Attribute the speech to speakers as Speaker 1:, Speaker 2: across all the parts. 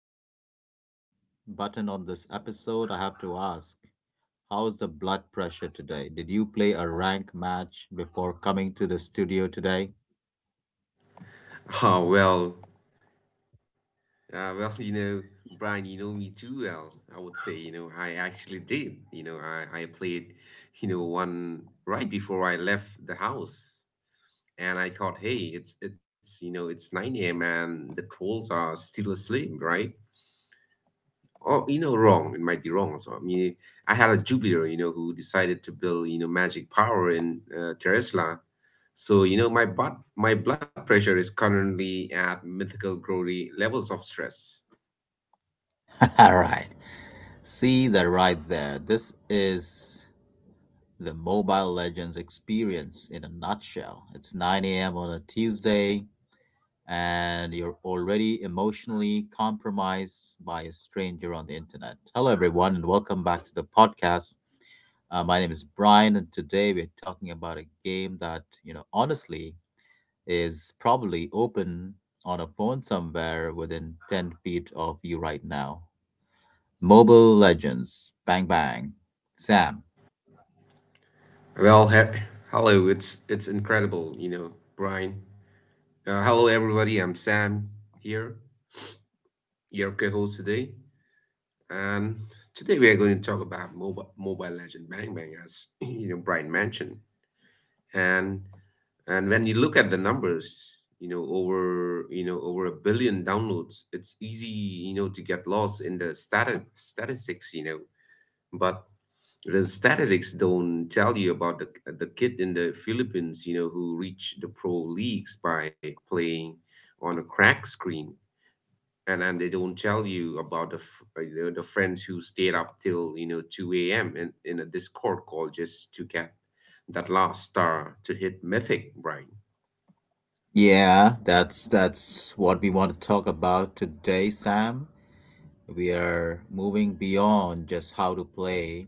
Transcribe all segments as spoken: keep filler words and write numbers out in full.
Speaker 1: match button on this episode, I have to ask, how's the blood pressure today? Did you play a rank match before coming to the studio today?
Speaker 2: Oh, well, uh, well, you know, Brian, you know me too well. I would say, you know, I actually did. You know, I, I played, you know, one right before I left the house. And I thought, hey, it's, it's, you know, it's nine a m and the trolls are still asleep, right? Or, you know, wrong. It might be wrong. So, I mean, I had a Jupiter, you know, who decided to build, you know, magic power in uh, Tesla. So, you know, my butt, my blood pressure is currently at mythical glory levels of stress.
Speaker 1: All right. See that right there. This is the Mobile Legends experience in a nutshell. It's nine a m on a Tuesday, and you're already emotionally compromised by a stranger on the internet. Hello, everyone, and welcome back to the podcast. Uh, my name is Brian, and today we're talking about a game that, you know, honestly is probably open on a phone somewhere within ten feet of you right now. Mobile Legends. Bang bang. Sam.
Speaker 2: Well, he- hello. It's it's incredible, you know, Brian. Uh, hello, everybody. I'm Sam here, your co-host today, and today we are going to talk about mobile Mobile Legend Bang Bang, as you know, Brian mentioned. And and when you look at the numbers, you know, over you know over a billion downloads, it's easy, you know, to get lost in the stat- statistics, you know, but the statistics don't tell you about the the kid in the Philippines, you know, who reached the pro leagues by playing on a crack screen, and and they don't tell you about the f- uh, you know, the friends who stayed up till you know two a m in in a Discord call just to get that last star to hit mythic, Brian.
Speaker 1: Yeah, that's that's what we want to talk about today, Sam. We are moving beyond just how to play.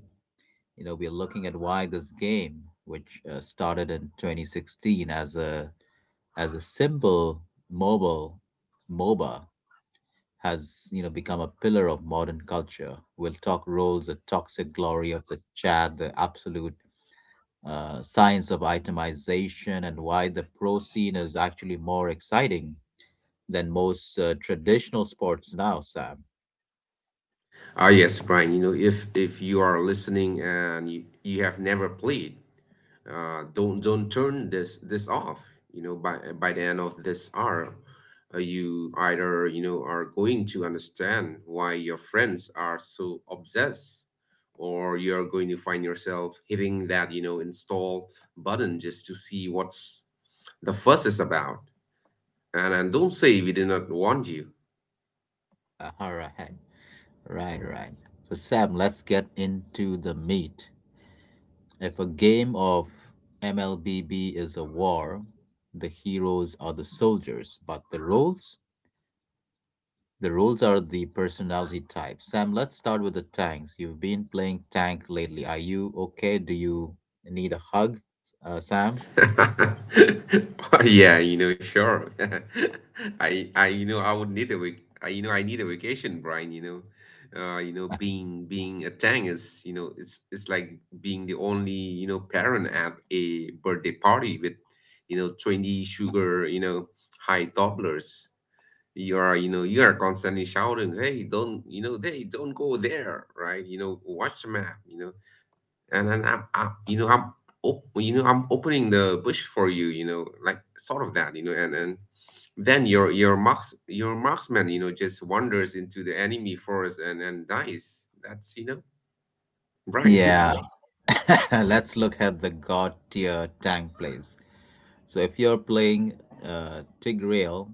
Speaker 1: You know, we're looking at why this game, which uh, started in twenty sixteen as a as a simple mobile MOBA has, you know, become a pillar of modern culture. We'll talk roles, the toxic glory of the chat, the absolute uh, science of itemization, and why the pro scene is actually more exciting than most uh, traditional sports now, Sam.
Speaker 2: Ah, yes, Brian. You know, if if you are listening and you, you have never played uh, don't don't turn this this off, you know by by the end of this hour, uh, you either you know are going to understand why your friends are so obsessed, or you're going to find yourself hitting that you know install button just to see what's the fuss is about. And, and don't say we did not warn you.
Speaker 1: All right, right, right. So Sam, let's get into the meat. If a game of M L B B is a war, the heroes are the soldiers, but the roles? The roles are the personality type. Sam, let's start with the tanks. You've been playing tank lately. Are you okay? Do you need a hug, uh, Sam?
Speaker 2: Well, yeah, you know, sure. I, I, you know, I would need a vac. I, you know, I need a vacation, Brian. You know, uh, you know, being being a Tang is, you know, it's it's like being the only, you know, parent at a birthday party with, you know, twenty sugar, you know, high toddlers. You are, you know, you are constantly shouting, "Hey, don't, you know, hey, don't go there!" Right? You know, watch the map. You know, and then I'm, I, you know, I'm, op- you know, I'm opening the bush for you, you know, like sort of that, you know, and and then your your marks your marksman, you know, just wanders into the enemy forest and and dies. That's you know, right.
Speaker 1: Yeah. Let's look at the god tier tank plays. So if you're playing uh, Tigreal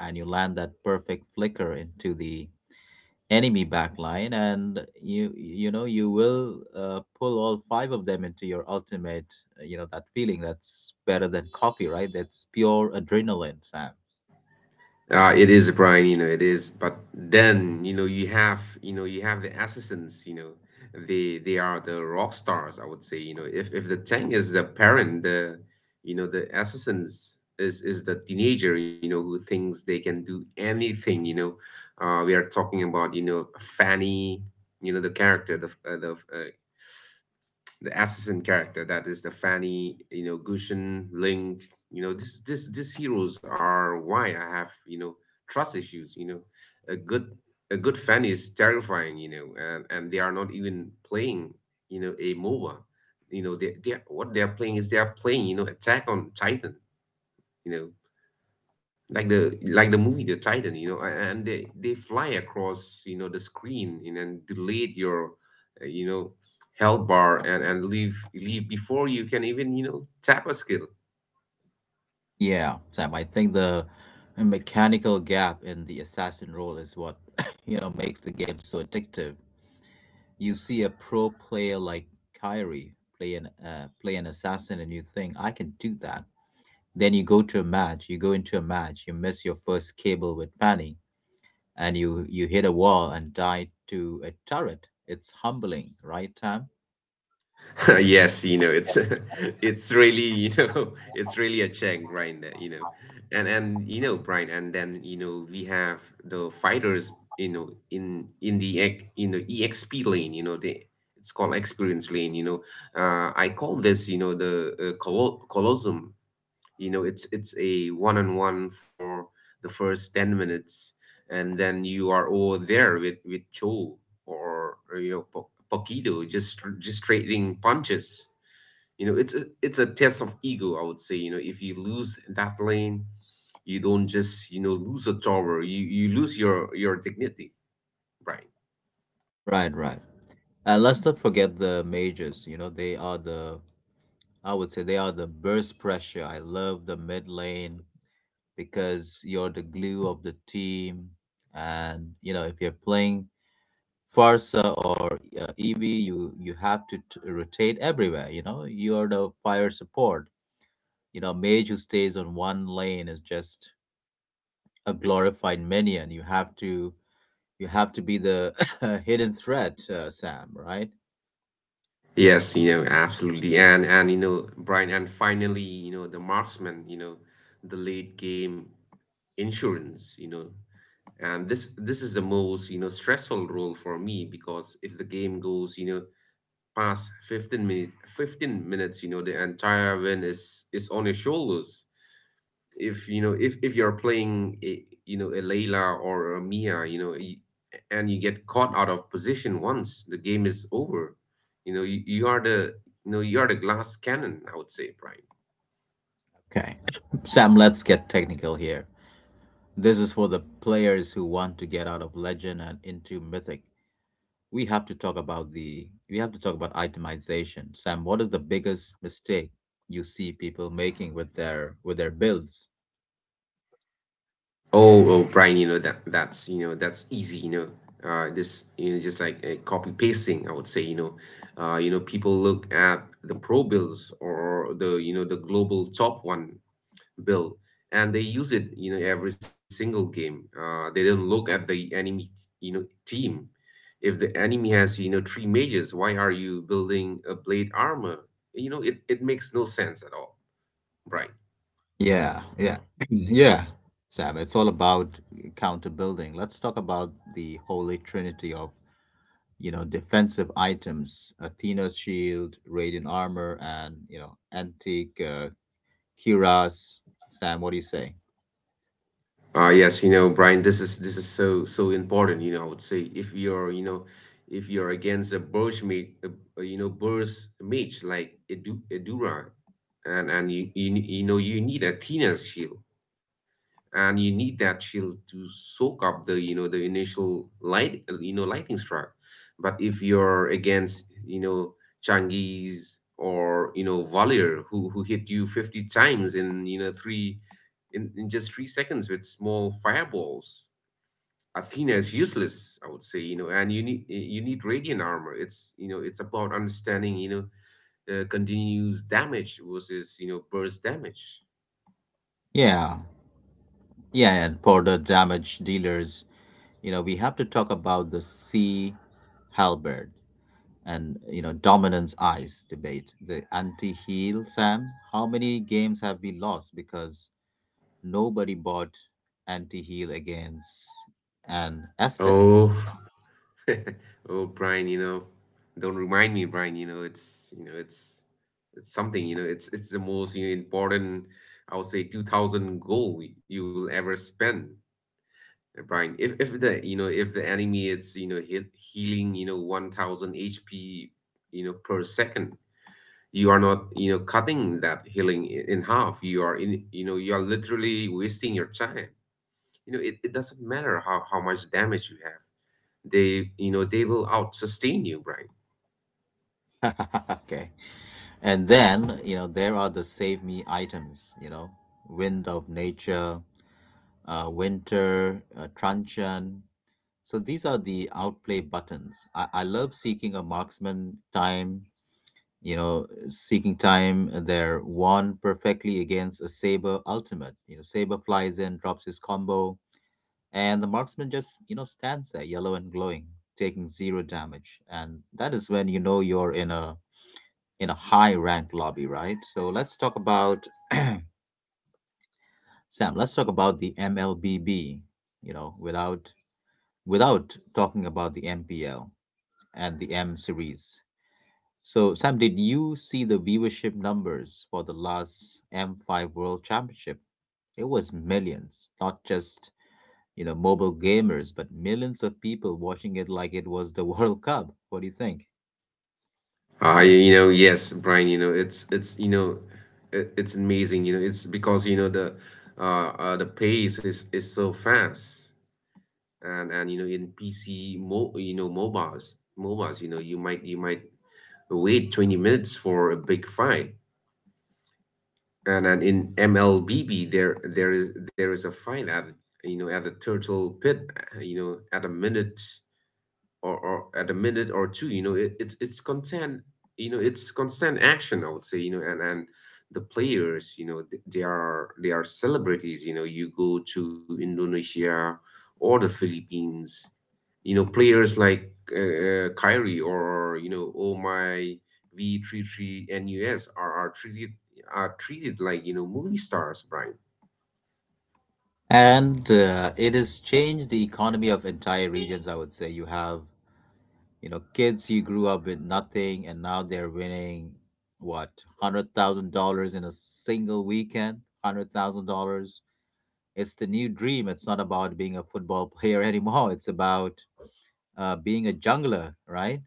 Speaker 1: and you land that perfect flicker into the enemy backline, and you you know, you will uh, pull all five of them into your ultimate. uh, You know that feeling, that's better than copyright. That's pure adrenaline, Sam.
Speaker 2: Uh, it is, Brian, you know, it is. But then, you know, you have, you know, you have the assistants, you know, they they are the rock stars, I would say, you know, if if the tank is the parent, the, you know, the assistants is is the teenager, you know, who thinks they can do anything, you know. Uh, we are talking about, you know, Fanny, you know, the character, the f- uh, the f- uh, the assassin character that is the Fanny, you know, Gushin, Link, you know, this this these heroes are why I have, you know, trust issues, you know. A good a good Fanny is terrifying, you know, and, and they are not even playing, you know, a MOBA. You know, they they what they are playing is they are playing, you know, Attack on Titan, you know, like the like the movie The Titan, you know, a- and they they fly across you know the screen and then delayed your uh, you know health bar and and leave leave before you can even, you know, tap a skill.
Speaker 1: Yeah, Sam. I think the mechanical gap in the assassin role is what you know makes the game so addictive. You see a pro player like Kyrie play an uh, play an assassin, and you think, "I can do that." Then you go to a match. You go into a match. You miss your first cable with Manny, and you you hit a wall and die to a turret. It's humbling, right, Tam?
Speaker 2: Yes, you know, it's it's really, you know, it's really a check, Brian, that, you know. And and you know, Brian, and then, you know, we have the fighters, you know, in in the ec- in the E X P lane, you know, they it's called experience lane, you know. Uh I call this, you know, the uh, colo- colosseum, you know, it's it's a one-on-one for the first ten minutes, and then you are all there with with cho, or, or you know, po- Pokito, just just trading punches, you know, it's a, it's a test of ego, I would say, you know, if you lose that lane, you don't just, you know, lose a tower, you you lose your your dignity, Brian.
Speaker 1: Right, right. And let's not forget the majors. You know, they are the, I would say, they are the burst pressure. I love the mid lane because you're the glue of the team. And, you know, if you're playing Farsa or uh, E B, you you have to t- rotate everywhere. You know, you're the fire support. You know, mage who stays on one lane is just a glorified minion. You have to you have to be the hidden threat, uh, Sam. Right?
Speaker 2: Yes, you know, absolutely. And and you know Brian, and finally, you know, the marksman, you know, the late game insurance, you know, and this this is the most, you know, stressful role for me, because if the game goes, you know, past fifteen minute fifteen minutes, you know, the entire win is is on your shoulders. If you know if if you're playing a, you know a Layla or a Mia, you know, y- and you get caught out of position once, the game is over. You know, you, you are the, you know, you are the glass cannon, I would say, Prime.
Speaker 1: Okay, Sam. Let's get technical here. This is for the players who want to get out of legend and into mythic. We have to talk about the we have to talk about itemization. Sam, what is the biggest mistake you see people making with their with their builds?
Speaker 2: Oh, oh, Brian, you know, that that's, you know, that's easy, you know. Uh, this, you know, just like a copy pasting, I would say, you know. Uh, you know, people look at the pro bills or the, you know, the global top one bill, and they use it, you know, every single game. Uh, they don't look at the enemy, you know, team. If the enemy has, you know, three mages, why are you building a blade armor? You know, it it makes no sense at all, Brian.
Speaker 1: Yeah, yeah, yeah. Sam, it's all about counter building. Let's talk about the holy trinity of, you know, defensive items: Athena's shield, radiant armor, and, you know, antique uh, Kiras. Sam, what do you say?
Speaker 2: Uh, yes, you know, Brian, this is this is so so important. You know, I would say if you're, you know, if you're against a Burj meat, a a, you know, Burj mage like Edu, Edura, and and you, you, you know, you need a Athena's shield, and you need that shield to soak up the, you know, the initial light uh, you know lightning strike. But if you're against, you know, Changiz or, you know, Valier, who who hit you fifty times in, you know, three in, in just three seconds with small fireballs, Athena is useless, I would say, you know, and you need you need radiant armor. It's, you know, it's about understanding, you know, uh, continuous damage versus, you know, burst damage.
Speaker 1: Yeah, yeah, and for the damage dealers, you know, we have to talk about the C. Halberd and, you know, dominance eyes debate, the anti-heel Sam. How many games have we lost because nobody bought anti-heel against an Estes?
Speaker 2: Oh, Oh, Brian, you know, don't remind me, Brian. You know, it's, you know, it's it's something. You know, it's it's the most, you know, important, I would say, two thousand goal you will ever spend, uh, Brian. If if the you know if the enemy it's you know hit healing, you know, one thousand H P, you know, per second, you are not, you know, cutting that healing i- in half. You are in you know you are literally wasting your time. You know, it, it doesn't matter how how much damage you have. They, you know, they will out sustain you, Brian.
Speaker 1: Okay, and then, you know, there are the save me items. You know, wind of nature, uh, winter, uh, truncheon. So these are the outplay buttons. I, I love seeking a marksman time, you know, seeking time, uh, their wand perfectly against a saber ultimate. You know, saber flies in, drops his combo, and the marksman just, you know, stands there, yellow and glowing, taking zero damage. And that is when you know you're in a in a high rank lobby, right? So let's talk about Sam. Let's talk about the M L B B. You know, without without talking about the M P L and the M series. So, Sam, did you see the viewership numbers for the last M five World Championship? It was millions, not just, you know, mobile gamers, but millions of people watching it like it was the World Cup. What do you think?
Speaker 2: I, you you know, yes, Brian, you know, it's it's you know, it, it's amazing, you know, it's because, you know, the uh, uh the pace is is so fast, and and you know in P C mo you know mobiles mobiles, you know, you might you might wait twenty minutes for a big fight, and and in M L B B there there is there is a fight at, you know, at the Turtle Pit, uh, you know, at a minute, or, or at a minute or two, you know, it, it's it's constant, you know, it's constant action, I would say, you know. And and The players, you know, th- they are they are celebrities. You know, you go to Indonesia or the Philippines, you know, players like uh, uh, Kyrie or, you know, oh my, v three three nus, are, are treated are treated like, you know, movie stars, Brian.
Speaker 1: And uh, it has changed the economy of entire regions, I would say. You have, you know, kids who grew up with nothing and now they're winning, what, one hundred thousand dollars in a single weekend? one hundred thousand dollars. It's the new dream. It's not about being a football player anymore. It's about uh, being a jungler, right?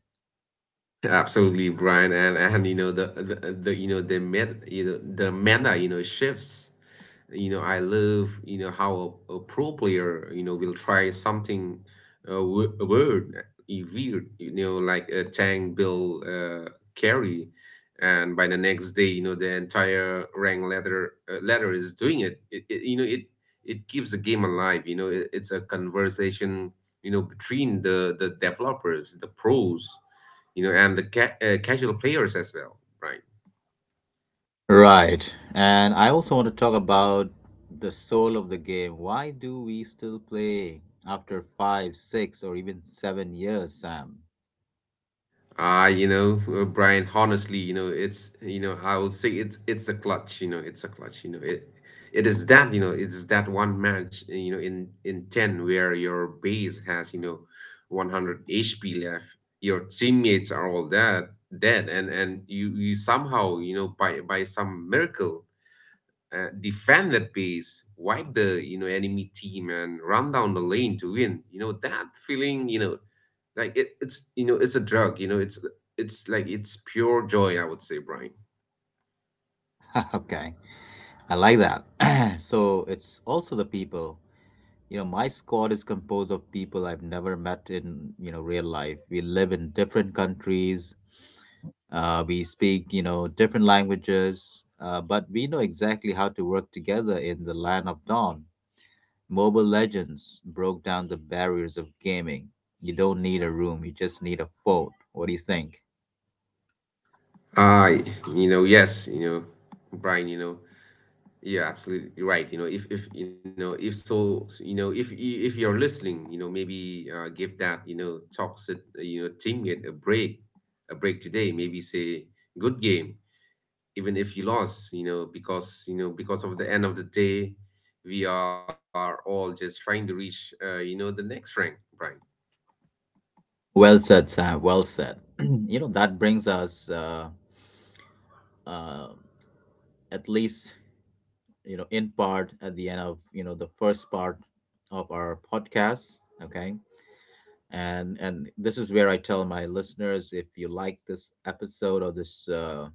Speaker 2: Absolutely, Brian, and and you know, the the, the, you know, the met you know the meta, you know, shifts. You know, I love, you know, how a, a pro player, you know, will try something, uh, w weird, uh, weird. You know, like a tank build uh, carry, and by the next day, you know, the entire rank ladder uh, ladder is doing it. It, it. You know, it it keeps the game alive. You know, it, it's a conversation, you know, between the the developers, the pros, you know, and the ca- uh, casual players as well, right?
Speaker 1: Right. And I also want to talk about the soul of the game. Why do we still play after five, six, or even seven years, Sam?
Speaker 2: Uh, you know, uh, Brian, honestly, you know, it's, you know, I would say it's, it's a clutch, you know, it's a clutch, you know, it, it is that, you know, it's that one match, uh, you know, in, in ten where your base has, you know, one hundred H P left, your teammates are all dead, dead, and, and you, you somehow, you know, by, by some miracle, uh, defend that base, wipe the you know enemy team, and run down the lane to win. You know that feeling. You know like it, it's you know it's a drug, you know. It's it's like it's pure joy, I would say, Brian.
Speaker 1: Okay. I like that. So it's also the people. You know, my squad is composed of people I've never met in, you know, real life. We live in different countries. Uh, we speak, you know, different languages, uh, but we know exactly how to work together in the land of dawn. Mobile Legends broke down the barriers of gaming. You don't need a room, you just need a phone. What do you think?
Speaker 2: I you know yes you know brian you know You're absolutely right, you know. if if you know if so you know if you, if you're listening, you know, maybe uh, give that, you know, toxic, uh, you know teammate a break a break today. Maybe say good game even if you lost, you know, because, you know, because of the end of the day, we are all just trying to reach, uh, you know the next rank,
Speaker 1: Well said, Sam. Well said. You know, that brings us uh, uh, at least, you know, in part at the end of, you know, the first part of our podcast. Okay. And and this is where I tell my listeners, if you like this episode or this uh,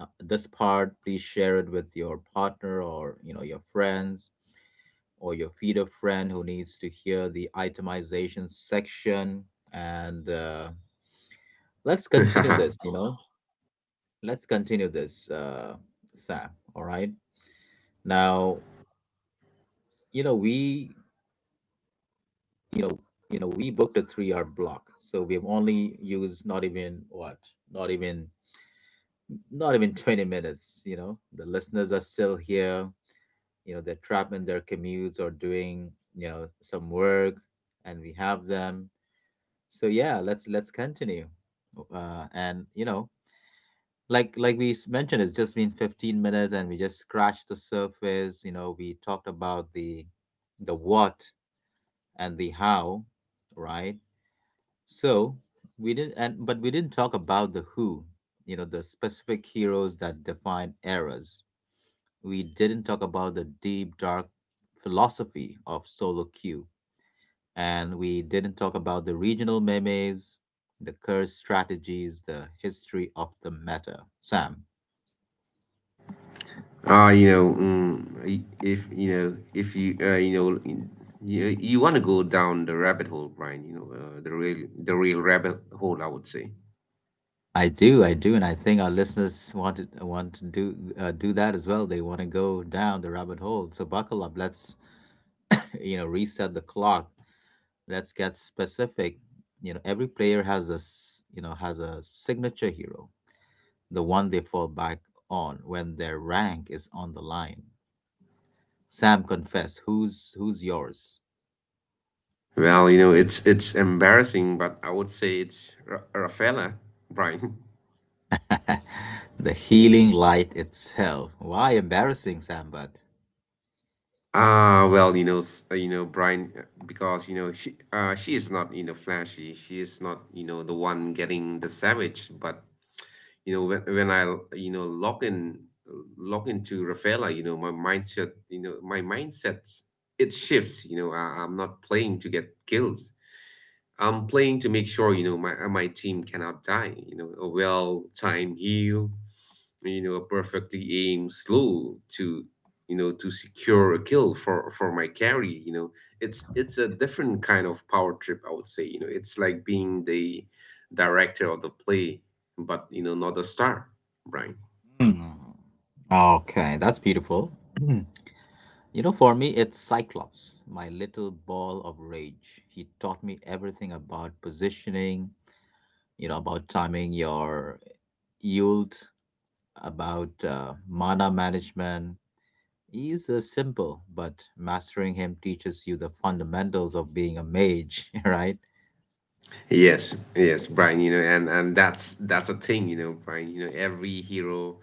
Speaker 1: uh, this part, please share it with your partner or, you know, your friends or your feeder friend who needs to hear the itemization section. And uh, let's
Speaker 2: Brian.
Speaker 1: continue this, you know, let's continue this uh, Sam, all right, now, you know we you know, you know, we booked a three-hour block, so we've only used, not even what, not even, not even twenty minutes. You know, the listeners are still here. You know, they're trapped in their commutes or doing, you know, some work, and we have them. So yeah, let's let's continue. Uh, and you know, like like we s- mentioned, it's just been fifteen minutes, and we just scratched the surface. You know, we talked about the the what and the how, right? So we didn't, and but we didn't talk about the who, you know, the specific heroes that define eras. We didn't talk about the deep, dark philosophy of solo queue, and we didn't talk about the regional memes, the curse strategies, the history of the meta. Sam,
Speaker 2: Ah, you know, mm, if you know, if you uh, you know, y- you, you want to go down the rabbit hole, Brian. You know, uh, the real the real rabbit hole, I would say.
Speaker 1: I do, I do, and I think our listeners want to want to do uh, do that as well. They want to go down the rabbit hole. So buckle up. Let's you know reset the clock. Let's get specific. You know, every player has a s- you know has a signature hero, the one they fall back on when their rank is on the line. Sam, confess, who's who's yours?
Speaker 2: Well, you know, it's it's embarrassing, but I would say it's Ra- Rafaela, Brian.
Speaker 1: The healing light itself. Why embarrassing, Sam? But
Speaker 2: Ah, well, you know, s- uh, you know, Brian, uh, because, you know, she uh she is not, you know, flashy. She is not, you know, the one getting the savage, but you know when, when i you know log in, log into Rafaela. You know, my mindset you know my mindset, it shifts. You know, I, I'm not playing to get kills, I'm playing to make sure, you know, my uh, my team cannot die. You know, a well time heal, you know, perfectly aim slow to, you know, to secure a kill for for my carry. You know, it's it's a different kind of power trip, I would say. You know, it's like being the director of the play, but, you know, not the star, Brian.
Speaker 1: hmm. Okay, that's beautiful. You know, for me, it's Cyclops, my little ball of rage. He taught me everything about positioning, you know, about timing your yield, about uh, mana management. Is uh, simple, but mastering him teaches you the fundamentals of being a mage, right?
Speaker 2: Yes, yes, Brian. You know, and and that's that's a thing. You know, Brian. You know, every hero.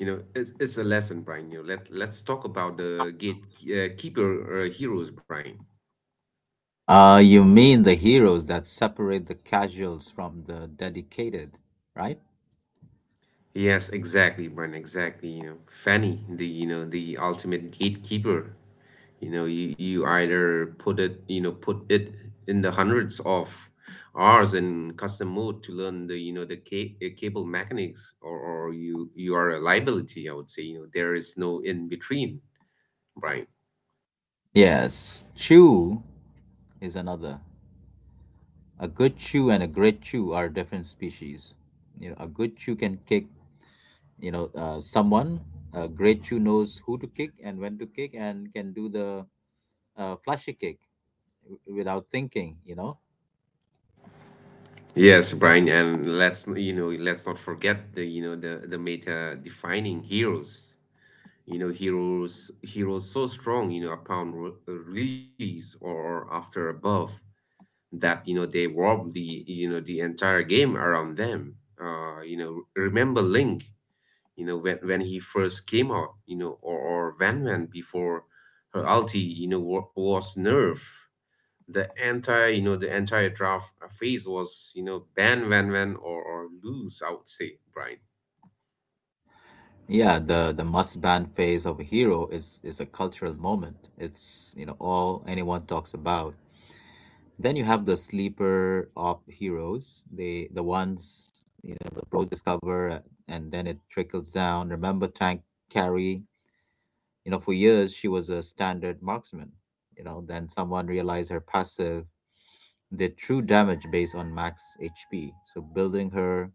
Speaker 2: You know, it's, it's a lesson, Brian. You know, let let's talk about the gate uh, keeper uh, heroes, Brian.
Speaker 1: Uh, you mean the heroes that separate the casuals from the dedicated, right?
Speaker 2: Yes, exactly, Bren. Exactly. You know, Fanny, the, you know, the ultimate gatekeeper. You know, you, you either put it, you know, put it in the hundreds of hours in custom mode to learn the, you know, the ca- uh, cable mechanics, or, or you you are a liability. I would say, you know, there is no in between, Brian.
Speaker 1: Yes, Chu is another. A good Chu and a great Chu are different species. You know, a good Chu can kick, you know, uh, someone. A great Chu knows who to kick and when to kick and can do the uh, flashy kick w- without thinking, you know.
Speaker 2: Yes, Brian, and let's n- you know let's not forget the, you know, the the meta defining heroes. You know, heroes, heroes so strong, you know, upon re- release or after a buff, that, you know, they warp the, you know, the entire game around them. Uh you know, remember Link, you know, when when he first came out, you know, or, or Van Van before her ulti, you know, wa- was nerf the entire, you know, the entire draft phase was, you know, ban Van Van, or, or lose, I would say, Brian.
Speaker 1: Yeah, the the must ban phase of a hero is is a cultural moment. It's, you know, all anyone talks about. Then you have the sleeper op heroes, the the ones, you know, the pros discover, uh, and then it trickles down. Remember Tank Carry? You know, for years she was a standard marksman. You know, then someone realized her passive did true damage based on max H P. So building her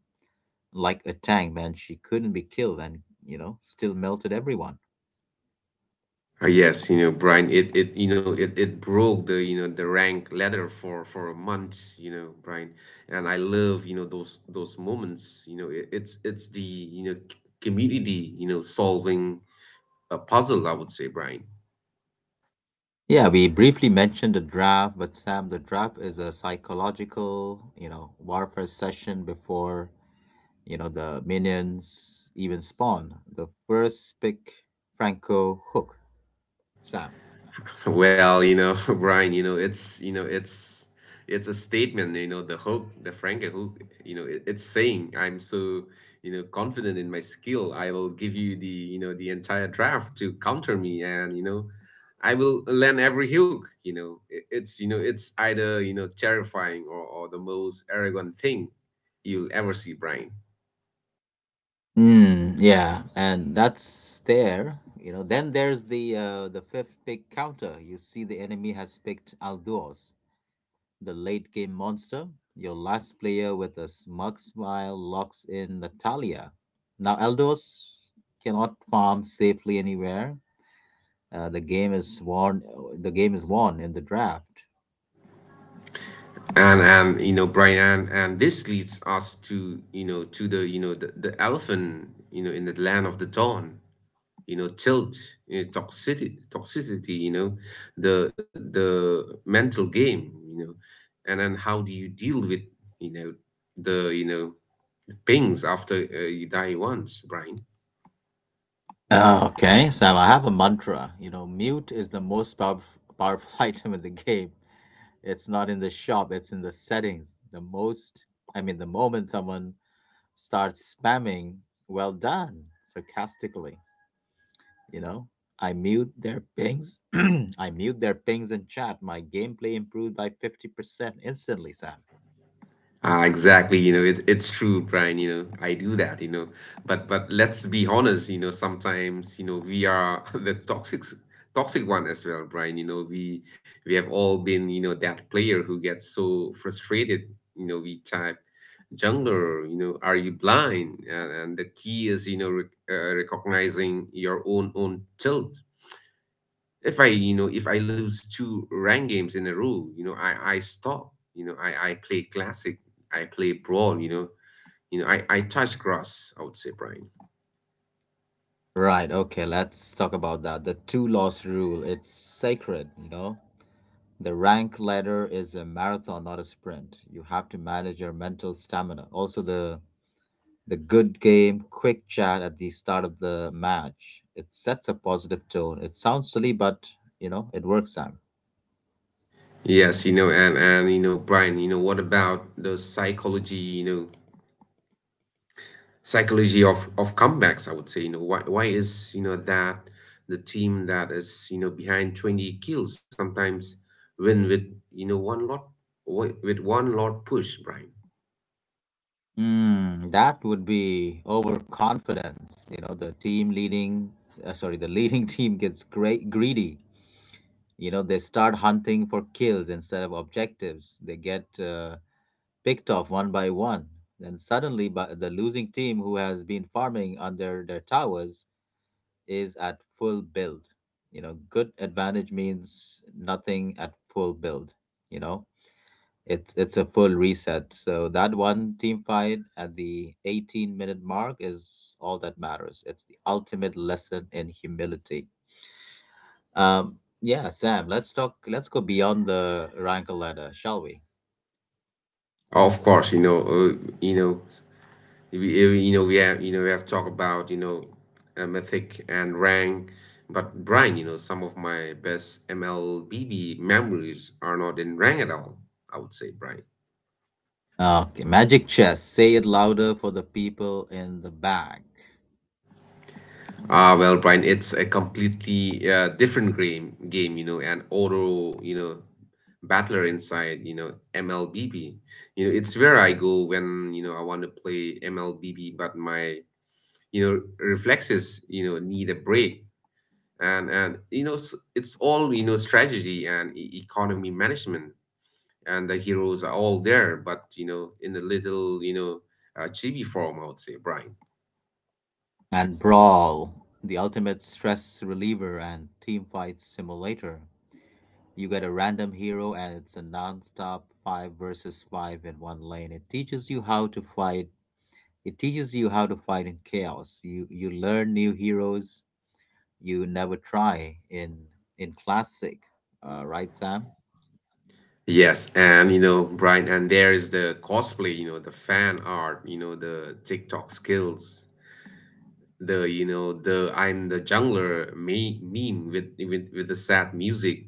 Speaker 1: like a tank, man, she couldn't be killed, and, you know, still melted everyone.
Speaker 2: Uh, yes, you know, Brian, it, it you know it, it broke the, you know, the rank ladder for for a month, you know, Brian. And I love, you know, those those moments. You know, it, it's it's the, you know, c- community, you know, solving a puzzle, I would say, Brian.
Speaker 1: Yeah, we briefly mentioned the draft, but Sam, the draft is a psychological, you know, warfare session before, you know, the minions even spawn. The first pick, Franco Hook, Sam.
Speaker 2: Well, you know, Brian, you know, it's you know, it's it's a statement, you know, the hook, the Franken hook, you know, it, it's saying I'm so, you know, confident in my skill. I will give you the, you know, the entire draft to counter me, and, you know, I will land every hook, you know. It, it's, you know, it's either, you know, terrifying or, or the most arrogant thing you'll ever see, Brian.
Speaker 1: Mm, yeah, and that's there. You know, then there's the uh, the fifth pick counter. You see, the enemy has picked Aldous, the late game monster. Your last player with a smug smile locks in Natalia. Now, Eldos cannot farm safely anywhere. Uh, the game is won. The game is won in the draft.
Speaker 2: And and you know, Brian, and, and this leads us to, you know, to the, you know, the, the elephant, you know, in the land of the dawn, you know, tilt, you know, toxicity, toxicity, you know, the the mental game, you know, and then how do you deal with, you know, the, you know, the pings after, uh, you die once, Brian?
Speaker 1: Ah, okay, Sam, I have a mantra. You know, mute is the most powerful, powerful item in the game. It's not in the shop, it's in the settings. The most, I mean, the moment someone start spamming well done sarcastically, you know I mute their pings. I mute their pings in chat. My gameplay improved by fifty percent instantly, Sam.
Speaker 2: Ah, exactly. You know, it, it's true, Brian. You know, I do that. You know, but but let's be honest. You know, sometimes, you know, we are the toxic toxic one as well, Brian. You know, we we have all been, you know, that player who gets so frustrated. You know, we type, jungler, you know, are you blind? And, and the key is, you know, rec- uh, recognizing your own own tilt. If I, you know, if I lose two rank games in a row, you know, I I stop. You know, I I play classic, I play brawl. You know, you know, I I touch grass, I would say, Brian.
Speaker 1: Right. Okay, let's talk about that, the two loss rule. It's sacred, you know. The rank ladder is a marathon, not a sprint. You have to manage your mental stamina. Also, the the good game quick chat at the start of the match, it sets a positive tone. It sounds silly, but you know it works, Sam.
Speaker 2: Yes, you know, and and you know, Brian, you know, what about the psychology? You know, psychology of of comebacks, I would say. You know, why why is, you know, that the team that is, you know, behind twenty kills sometimes win with, you know, one lot, wi- with one lot push, Brian.
Speaker 1: Mm, that would be overconfidence. You know, the team leading, uh, sorry, the leading team gets great greedy. You know, they start hunting for kills instead of objectives. They get, uh, picked off one by one. Then suddenly, but the losing team who has been farming under their towers is at full build. You know, good advantage means nothing at full build. You know, it's it's a full reset. So that one team fight at the eighteen minute mark is all that matters. It's the ultimate lesson in humility. Um, yeah, Sam. Let's talk. Let's go beyond the rank ladder, shall we?
Speaker 2: Of course, you know, uh, you know we, uh, you know we have, you know, we have talked about, you know, uh, mythic and rank, but Brian, you know, some of my best MLBB memories are not in rank at all, I would say, Brian.
Speaker 1: Okay, magic chess. Say it louder for the people in the back.
Speaker 2: Ah, well, Brian, it's a completely uh, different game, game, you know, an auto, you know, battler inside, you know, M L B B. You know, it's where I go when, you know, I want to play M L B B, but my, you know, reflexes, you know, need a break. And, and you know, s- it's all, you know, strategy and e- economy management. And the heroes are all there, but, you know, in a little, you know, uh, chibi form, I would say, Brian.
Speaker 1: And brawl, the ultimate stress reliever and team fight simulator. You get a random hero and it's a non-stop five versus five in one lane. It teaches you how to fight. It teaches you how to fight in chaos. You you learn new heroes you never try in in classic. Uh, right, Sam?
Speaker 2: Yes, and you know, Brian, and there is the cosplay, you know, the fan art, you know, the TikTok skills, the, you know, the I'm the jungler me meme with with with the sad music,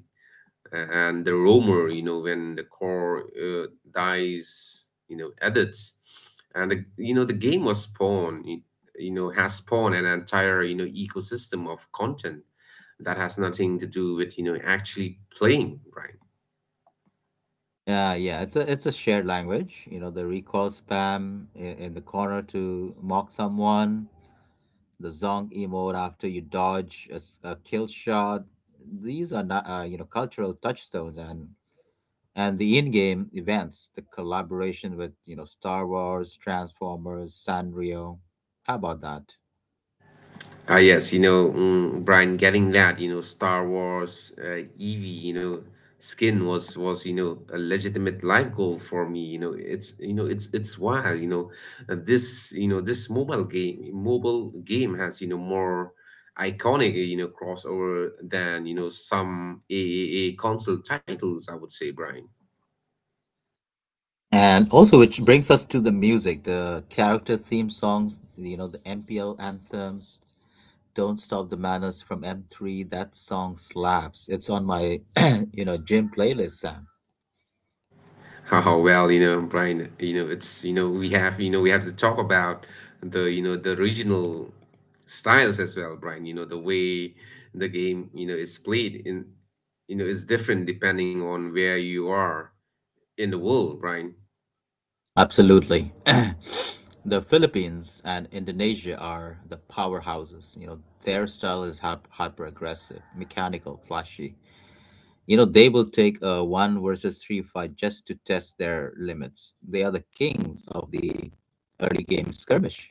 Speaker 2: a- and the roamer, you know, when the core uh, dies, you know, edits, and the, you know, the game was spawn, it, you know, has spawned an entire, you know, ecosystem of content that has nothing to do with, you know, actually playing, Brian.
Speaker 1: Yeah, yeah. It's a it's a shared language. You know, the recall spam in, in the corner to mock someone, the zong emote after you dodge a, s- a kill shot. These are not, uh, you know, cultural touchstones, and and the in-game events, the collaboration with you know Star Wars, Transformers, Sanrio. How about that?
Speaker 2: Ah, yes, you know, mm, Brian, getting that, you know, Star Wars, uh, Eevee, you know, skin was was you know a legitimate life goal for me. You know, it's you know it's it's wild. You know, Uh, this, you know, this mobile game mobile game has, you know, more iconic, you know, crossover than, you know, some A A A console titles, I would say, Brian.
Speaker 1: And also, which brings us to the music, the character theme songs, you know, the M P L anthems. Don't Stop the Madness from M three. That song slaps. It's on my, you know, gym playlist, Sam.
Speaker 2: Oh well, you know, Brian, you know, it's you know, we have, you know, we have to talk about the, you know, the regional styles as well, Brian. You know, the way the game, you know, is played in, you know, is different depending on where you are in the world, Brian.
Speaker 1: Absolutely. The Philippines and Indonesia are the powerhouses. You know, their style is hyper aggressive, mechanical, flashy. You know, they will take a one versus three fight just to test their limits. They are the kings of the early game skirmish.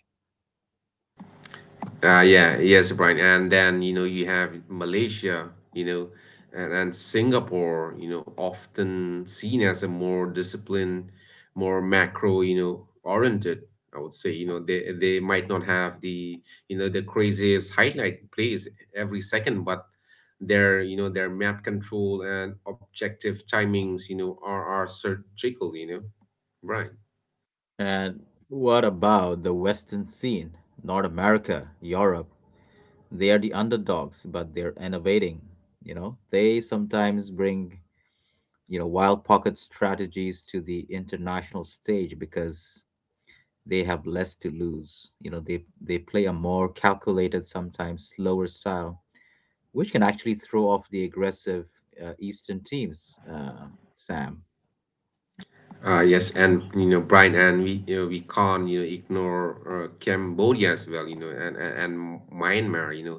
Speaker 2: Uh, yeah, yes, Brian. And then, you know, you have Malaysia, you know, and, and Singapore, you know, often seen as a more disciplined, more macro, you know, oriented, I would say. You know, they they might not have the, you know, the craziest highlight plays every second, but their, you know, their map control and objective timings, you know, are, are surgical, you know, right.
Speaker 1: And what about the Western scene? North America, Europe. They are the underdogs, but they're innovating. You know, they sometimes bring, you know, wild pocket strategies to the international stage because they have less to lose. You know, they they play a more calculated, sometimes slower style which can actually throw off the aggressive uh, Eastern teams, uh, Sam.
Speaker 2: Uh, yes, and you know, Brian, and we you know, we can't, you know, ignore uh, Cambodia as well, you know, and, and and Myanmar, you know,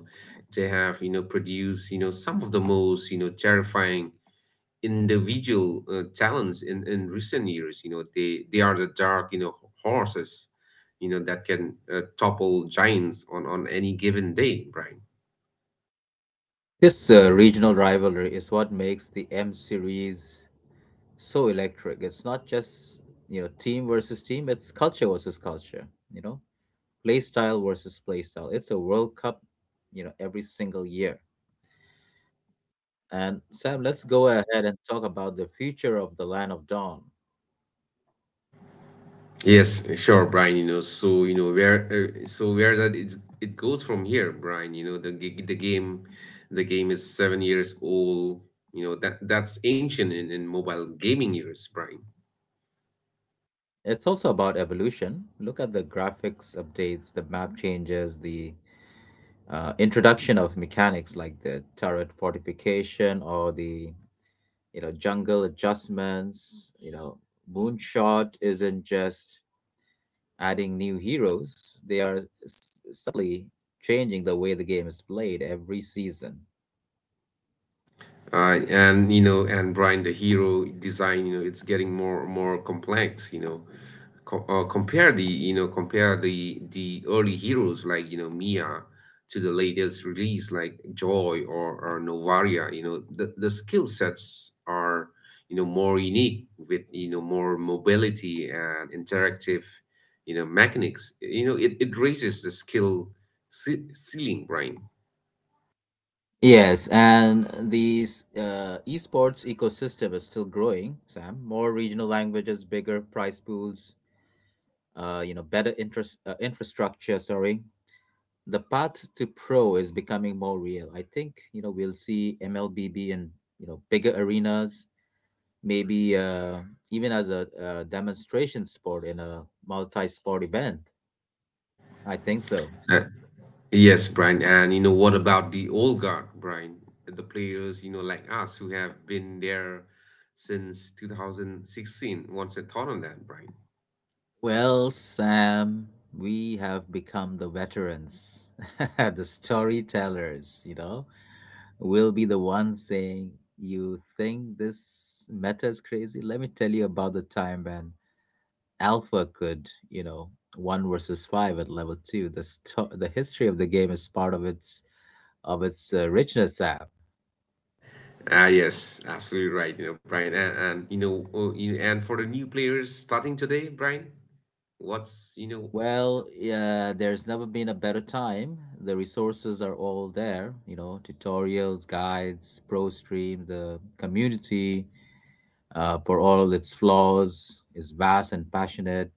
Speaker 2: they have, you know, produced, you know, some of the most, you know, terrifying individual uh, talents in in recent years. You know, they they are the dark, you know, horses, you know, that can, uh, topple giants on on any given day, Brian.
Speaker 1: This uh, regional rivalry is what makes the M series so electric. It's not just, you know, team versus team, it's culture versus culture, you know, play style versus play style. It's a World Cup, you know, every single year. And Sam, let's go ahead and talk about the future of the Land of Dawn.
Speaker 2: Yes, sure, Brian. You know, so you know where, uh, so where that is, it goes from here, Brian. You know, the g- the game, the game is seven years old. You know that that's ancient in, in mobile gaming years, Brian.
Speaker 1: It's also about evolution. Look at the graphics updates, the map changes, the uh, introduction of mechanics like the turret fortification or the you know jungle adjustments. You know, moonshot isn't just adding new heroes. They are s- subtly changing the way the game is played every season.
Speaker 2: Uh, and you know, and Brian, the hero design, you know, it's getting more more complex. You know, co- uh, compare the, you know, compare the the early heroes like, you know, Mia to the latest release like Joy, or, or Novaria. You know the the skill sets are, you know, more unique with, you know, more mobility and interactive, you know, mechanics. You know, it, it raises the skill ce- ceiling, Brian.
Speaker 1: Yes, and these uh, esports ecosystem is still growing, Sam. More regional languages, bigger prize pools, uh, you know, better interest uh, infrastructure, sorry. The path to pro is becoming more real. I think you know we'll see M L B B in you know bigger arenas, maybe uh, even as a, a demonstration sport in a multi-sport event. I think so.
Speaker 2: Uh, Yes, Brian. And you know, what about the old guard, Brian? The players, you know, like us who have been there since two thousand sixteen What's your thought on that, Brian?
Speaker 1: Well, Sam, we have become the veterans, the storytellers. You know, we'll be the ones saying, "You think this meta is crazy? Let me tell you about the time when." Alpha could, you know, one versus five at level two. The sto- the history of the game is part of its of its uh, richness. Act.
Speaker 2: Ah, yes, absolutely right, you know, Brian. And, and you know, uh, you- and for the new players starting today, Brian, what's, you know.
Speaker 1: Well, yeah, there's never been a better time. The resources are all there, you know, tutorials, guides, pro stream, the community. Uh, for all its flaws, is vast and passionate.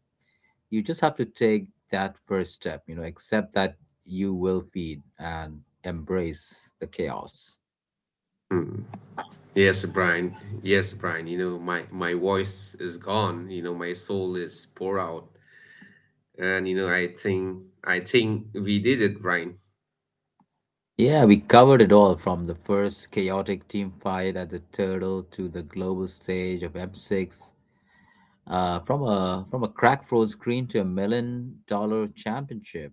Speaker 1: You just have to take that first step, you know, accept that you will feed and embrace the chaos.
Speaker 2: Mm. Yes, Brian. Yes, Brian. You know, my my voice is gone. You know, my soul is pour out, and you know, I think I think we did it, Brian.
Speaker 1: Yeah, we covered it all from the first chaotic team fight at the Turtle to the global stage of M six, uh, from a from a crack phone screen to a million dollar championship.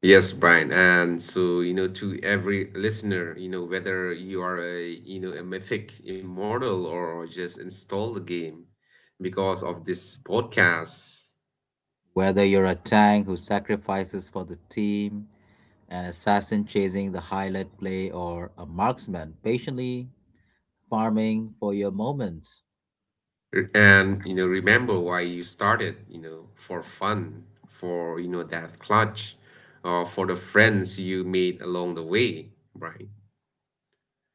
Speaker 2: Yes, Brian. And so, you know, to every listener, you know, whether you are a, you know, a mythic immortal or just install the game because of this podcast,
Speaker 1: Whether you're a tank who sacrifices for the team, an assassin chasing the highlight play, or a marksman patiently farming for your moment,
Speaker 2: r- and, you know, remember why you started, you know, for fun, for, you know, that clutch, or for the friends you made along the way, Brian.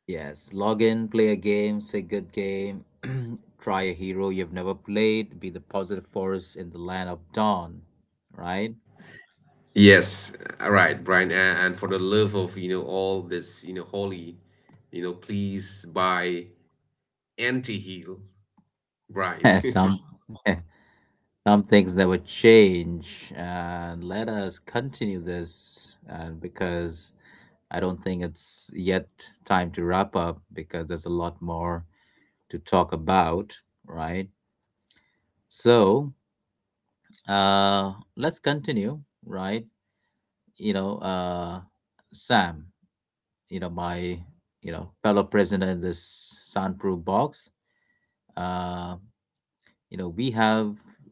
Speaker 1: Yes, log in, play a game, say good game, try a hero you've never played, be the positive force in the land of dawn, right?
Speaker 2: Yes, all right, Brian. a- And for the love of, you know, all this, you know, holy, you know, please buy anti-heal, Brian.
Speaker 1: Some some things never change, and let us continue this, and because I don't think it's yet time to wrap up because there's a lot more to talk about, right? So, uh, let's continue, right? You know, uh, Sam. You know my you know fellow prisoner in this soundproof box. Uh, you know we have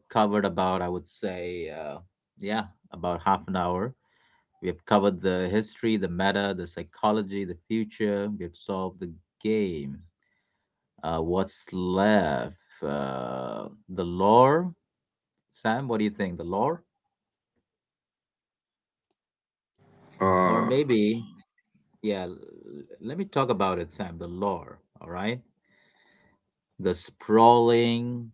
Speaker 1: covered about I would say uh, yeah, about half an hour. We have covered the history, the meta, the psychology, the future. We have solved the game. Uh, what's left? Uh, the lore. Sam, what do you think? The lore, or
Speaker 2: uh,
Speaker 1: maybe yeah. l- Let me talk about it, Sam. The lore. All right, the sprawling,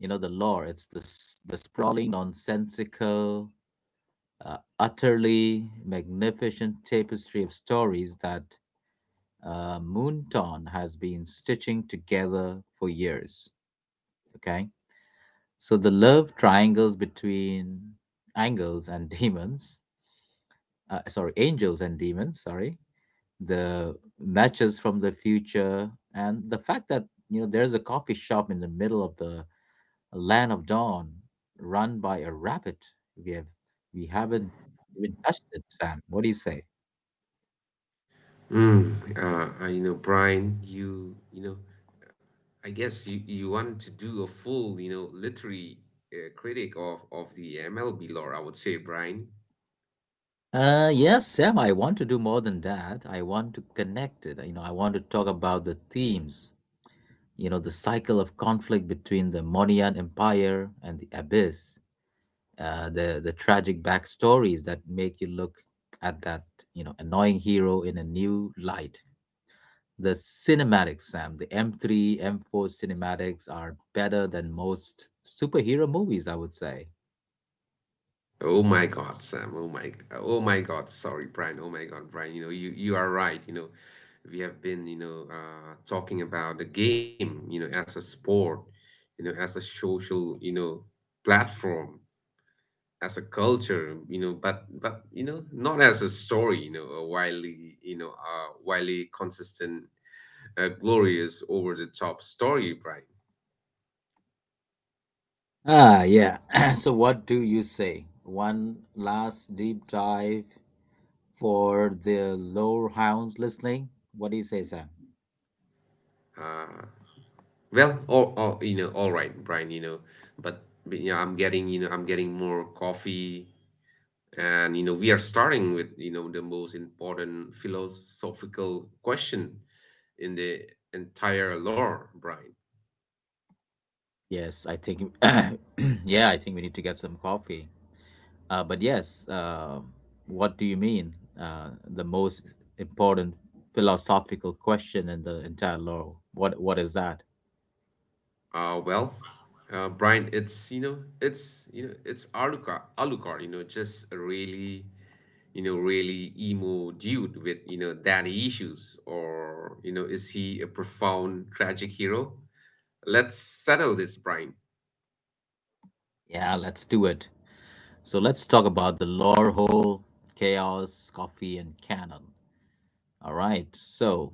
Speaker 1: you know the lore, it's the, s- the sprawling nonsensical uh, utterly magnificent tapestry of stories that uh, moonton has been stitching together for years. Okay, so the love triangles between angels and demons uh, sorry angels and demons, sorry, the matches from the future, and the fact that you know there's a coffee shop in the middle of the a land of dawn run by a rabbit. We have we haven't even touched it, Sam. What do you say?
Speaker 2: mm, uh, uh, you know, Brian, you, you know, I guess you, you want to do a full, you know, literary uh, critic of, of the M L B lore, I would say, Brian.
Speaker 1: Uh, yes, Sam, I want to do more than that. I want to connect it. You know, I want to talk about the themes, you know, the cycle of conflict between the Monian Empire and the Abyss, uh, the, the tragic backstories that make you look at that, you know, annoying hero in a new light. The cinematics, Sam, the M three, M four cinematics are better than most superhero movies, I would say.
Speaker 2: Oh my God, Sam. Oh my, oh my God. Sorry, Brian. Oh my God, Brian. You know, you, you are right. You know, we have been, you know, uh, talking about the game, you know, as a sport, you know, as a social, you know, platform. as a culture, you know but but you know not as a story, you know a wildly you know uh wildly consistent, uh, glorious, over the top story, brian
Speaker 1: Ah, yeah. So, what do you say? One last deep dive for the lore hounds listening. What do you say, Sam?
Speaker 2: uh well all, all you know all right, Brian. you know but, but you know I'm getting you know I'm getting more coffee, and you know we are starting with you know the most important philosophical question in the entire lore, brian
Speaker 1: Yes, I think. Yeah, I think we need to get some coffee. Uh, but yes, uh, what do you mean? Uh, the most important philosophical question in the entire lore. What What is that?
Speaker 2: Uh, well, uh, Brian, it's you know, it's you know, it's Alucard, Alucard, you know, just a really, you know, really emo dude with you know daddy issues. Or, you know, is he a profound tragic hero? Let's settle this, Brian.
Speaker 1: Yeah, let's do it. So let's talk about the lore hole, chaos, coffee, and canon. All right, so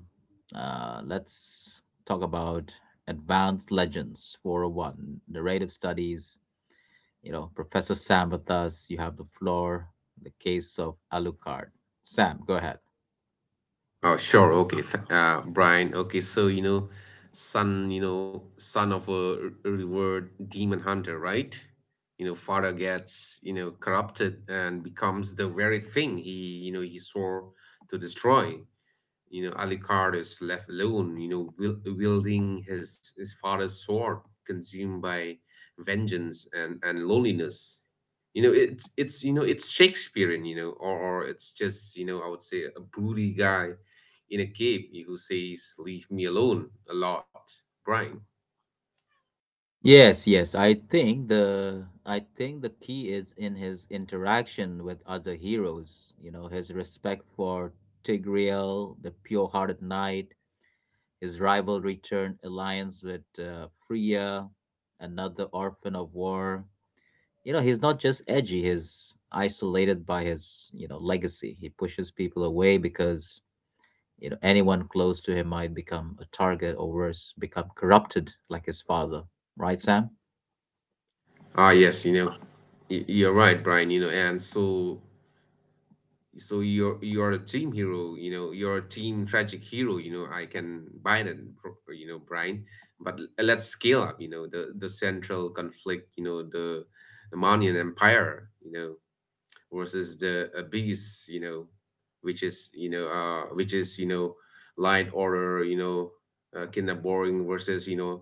Speaker 1: uh, let's talk about Advanced Legends four zero one, narrative studies. You know, Professor Sam with us. You have the floor, the case of Alucard. Sam, go ahead.
Speaker 2: Oh, sure. Okay. Th uh, Brian. Okay. So, you know, son, you know, son of a r- revered demon hunter, right? You know, father gets, you know, corrupted and becomes the very thing he, you know, he swore to destroy. You know, Alucard is left alone, you know, wiel- wielding his, his father's sword, consumed by vengeance and, and loneliness. You know, it's it's you know it's Shakespearean. You know, or, or it's just, you know I would say, a broody guy in a cave who says "Leave me alone" a lot, Brian.
Speaker 1: Yes, yes. I think the I think the key is in his interaction with other heroes. You know, his respect for Tigreal, the pure-hearted knight, his rivalry turned alliance with uh, Freya, another orphan of war. You know, he's not just edgy. He's isolated by his you know legacy. He pushes people away because you know anyone close to him might become a target or worse, become corrupted like his father. Right, Sam?
Speaker 2: Ah, yes, you know, y- you're right, Brian. You know, and so so you're you're a team hero. You know you're a team tragic hero. you know I can buy that bro- you know brian But l- let's scale up. you know the the central conflict, you know the the Manian Empire you know versus the obese, you know, which is you know uh which is you know light, order, you know, uh, kind of boring, versus you know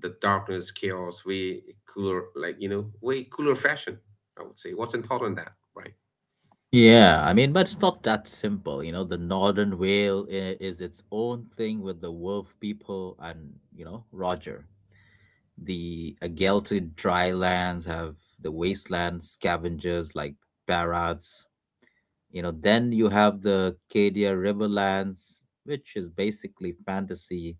Speaker 2: the darkness, chaos, way cooler, like, you know, way cooler fashion, I would say. What's your thought on that, right?
Speaker 1: Yeah, I mean, but it's not that simple. You know, the Northern Whale i- is its own thing with the wolf people and, you know, Roger. The Agelted dry lands have the wasteland scavengers like Barats. You know, then you have the Cadia Riverlands, which is basically fantasy,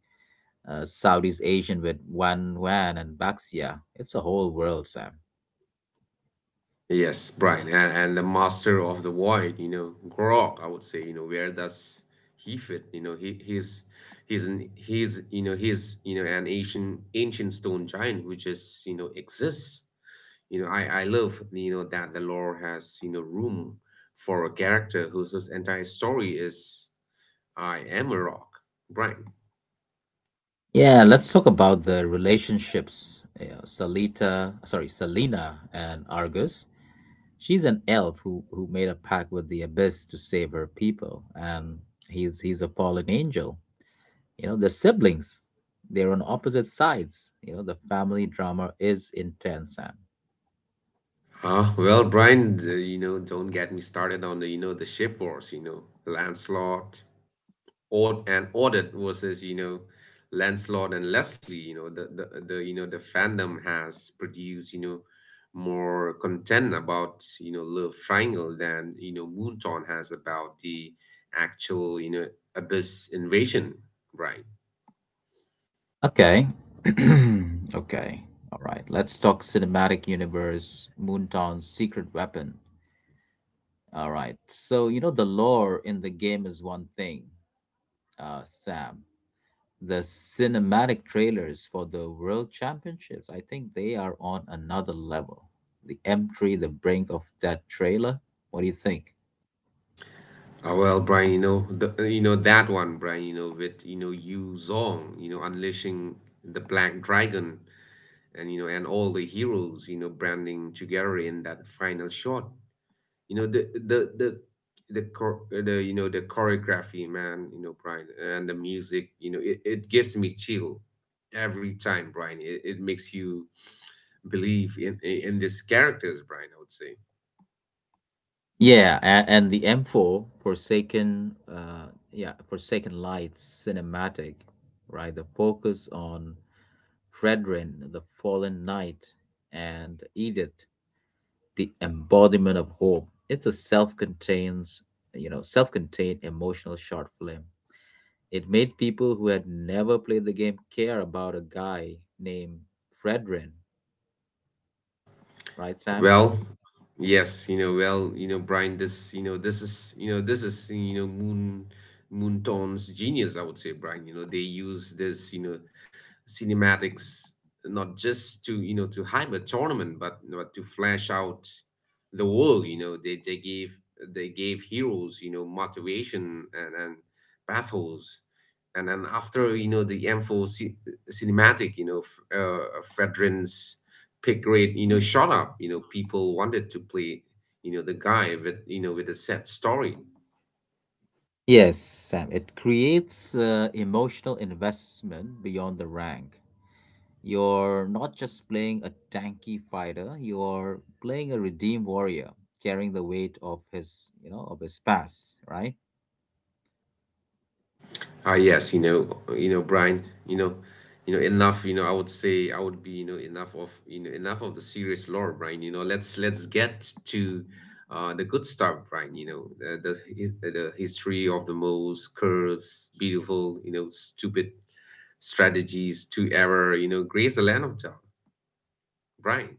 Speaker 1: uh, Southeast Asian with Wan Wan and Baxia. It's a whole world, Sam.
Speaker 2: Yes, Brian, and, and the master of the void, you know, Grog, I would say, you know, where does he fit? You know, he he's he's an he's you know he's you know an ancient ancient stone giant who just you know exists. You know, I I love you know that the lore has you know room for a character whose whose entire story is "I am a rock," Brian.
Speaker 1: Yeah, let's talk about the relationships. You know, Salita, sorry, Selena and Argus. She's an elf who who made a pact with the abyss to save her people, and he's he's a fallen angel. You know, they're siblings. They're on opposite sides. You know, the family drama is intense, Sam.
Speaker 2: Ah, well, Brian, the, you know, don't get me started on the you know the ship wars, you know, Lancelot. Ord and Audit versus, you know, Lancelot and Leslie. you know, the, the, the, you know, the fandom has produced, you know, more content about, you know, Love Triangle than, you know, Moonton has about the actual, you know, Abyss invasion, right?
Speaker 1: Okay. Okay. All right. Let's talk cinematic universe, Moontown's secret weapon. All right. So, you know, the lore in the game is one thing, uh, Sam, the cinematic trailers for the World Championships, I think they are on another level. The M three, the brink of that trailer. What do you think?
Speaker 2: Ah, well, Brian, you know, the, you know, that one, Brian, you know, with, you know, Yu Zong, you know, unleashing the Black Dragon and, you know, and all the heroes, you know, branding together in that final shot. You know the the the the chor- uh, the you know the choreography, man. You know brian, and the music, you know it, it gives me chill every time, Brian. It, it makes you believe in in in these characters, Brian, I would say.
Speaker 1: Yeah, and, and the M four Forsaken, uh, yeah, Forsaken Lights cinematic, right? The focus on Fredrin, the fallen knight, and Edith, the embodiment of hope. It's a self-contained, you know, self-contained emotional short film. It made people who had never played the game care about a guy named Fredrin, right, Sam?
Speaker 2: Well, yes, you know, well, you know, Brian, this, you know, this is, you know, this is, you know, Moon Moonton's genius, I would say, Brian. You know, they use this, you know, cinematics, not just to, you know, to hype a tournament, but but to flesh out the world. You know, they they gave they gave heroes, you know, motivation and and pathos. And then, after, you know, the M four ci- cinematic, you know, F- uh, Fredrin's pick grade, you know shot up. You know people wanted to play you know the guy with you know with a sad story.
Speaker 1: Yes, Sam, it creates uh, emotional investment beyond the rank. You're not just playing a tanky fighter, you're playing a redeemed warrior carrying the weight of his, you know, of his past, right?
Speaker 2: Ah yes you know you know Brian, you know you know enough, you know I would say, I would be you know enough of you know enough of the serious lore, Brian. you know let's let's get to uh, the good stuff, Brian. you know the, the his- the history of the most curse beautiful, you know stupid strategies to ever you know grace the land of John, Brian.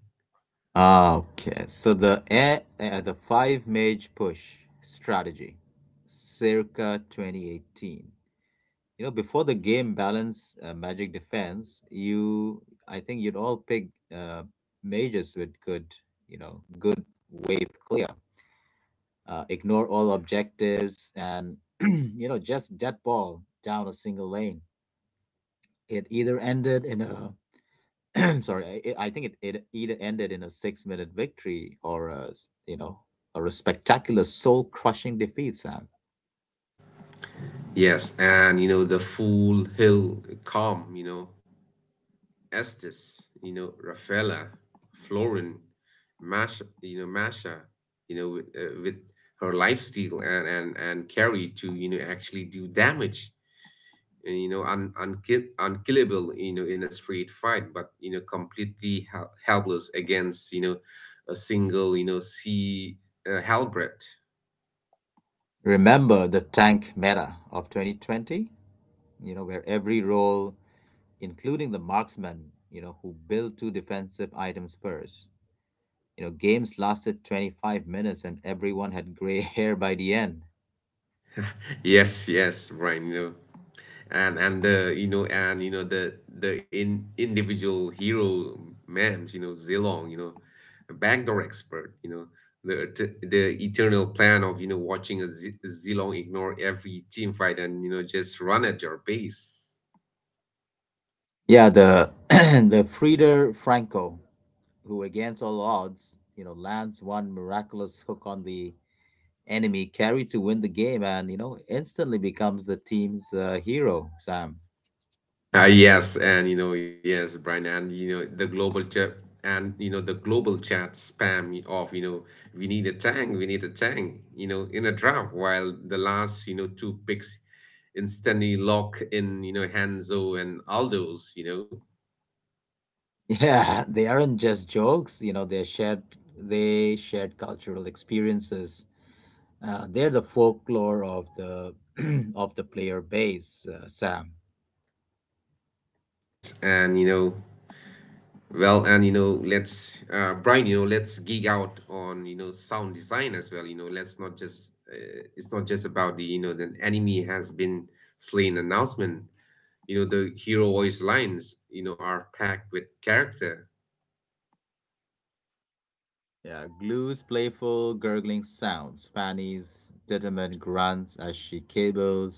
Speaker 1: Ah, okay. So the air, uh, the five mage push strategy circa twenty eighteen. You know before the game balance uh, magic defense, you, I think you'd all pick uh, mages with good you know good wave clear, uh, ignore all objectives and you know just dead ball down a single lane. It either ended in a sorry, i i think it, it either ended in a six minute victory or a s- you know or a spectacular soul crushing defeat, Sam.
Speaker 2: Yes, and you know the Fool Hill Calm, you know, Estes, you know, Rafaela, Florin, Masha, you know, Masha, you know, with, uh, with her lifestyle and and and Carrie to you know actually do damage. uh, you know, un, unkill, unkillable, you know, in a straight fight, but, you know, completely hel- helpless against you know a single you know sea uh, halberd.
Speaker 1: Remember the tank meta of twenty twenty, you know where every role including the marksmen, you know, who built two defensive items first. You know, games lasted twenty-five minutes and everyone had gray hair by the end.
Speaker 2: Yes, yes, Brian, you know. And and the you know and you know the the in individual hero memes, you know Zilong, you know backdoor expert, you know the et- the eternal plan of you know watching a Z- Zilong ignore every team fight and you know just run at your base.
Speaker 1: Yeah, the the Frieder Franco, who against all odds, you know, lands one miraculous hook on the enemy carry to win the game and, you know, instantly becomes the team's uh, hero, Sam.
Speaker 2: Uh, yes, and you know, yes, Brian, and you know, the global chat and you know, the global chat spam of, you know, "we need a tank, we need a tank," you know, in a draft, while the last you know two picks instantly lock in you know Hanzo and Aldo's, you know,
Speaker 1: Yeah, they aren't just jokes, you know, they're shared they shared cultural experiences. Uh, they're the folklore of the of the player base, uh, Sam.
Speaker 2: Yes, and, you know, well, and, you know, let's, uh, Brian, you know, let's geek out on you know sound design as well. you know, let's not just uh, it's not just about the you know the "enemy has been slain" announcement. You know, the hero voice lines, you know, are packed with character.
Speaker 1: Yeah, Glue's playful, gurgling sounds, Fanny's determined grunts as she kibbles,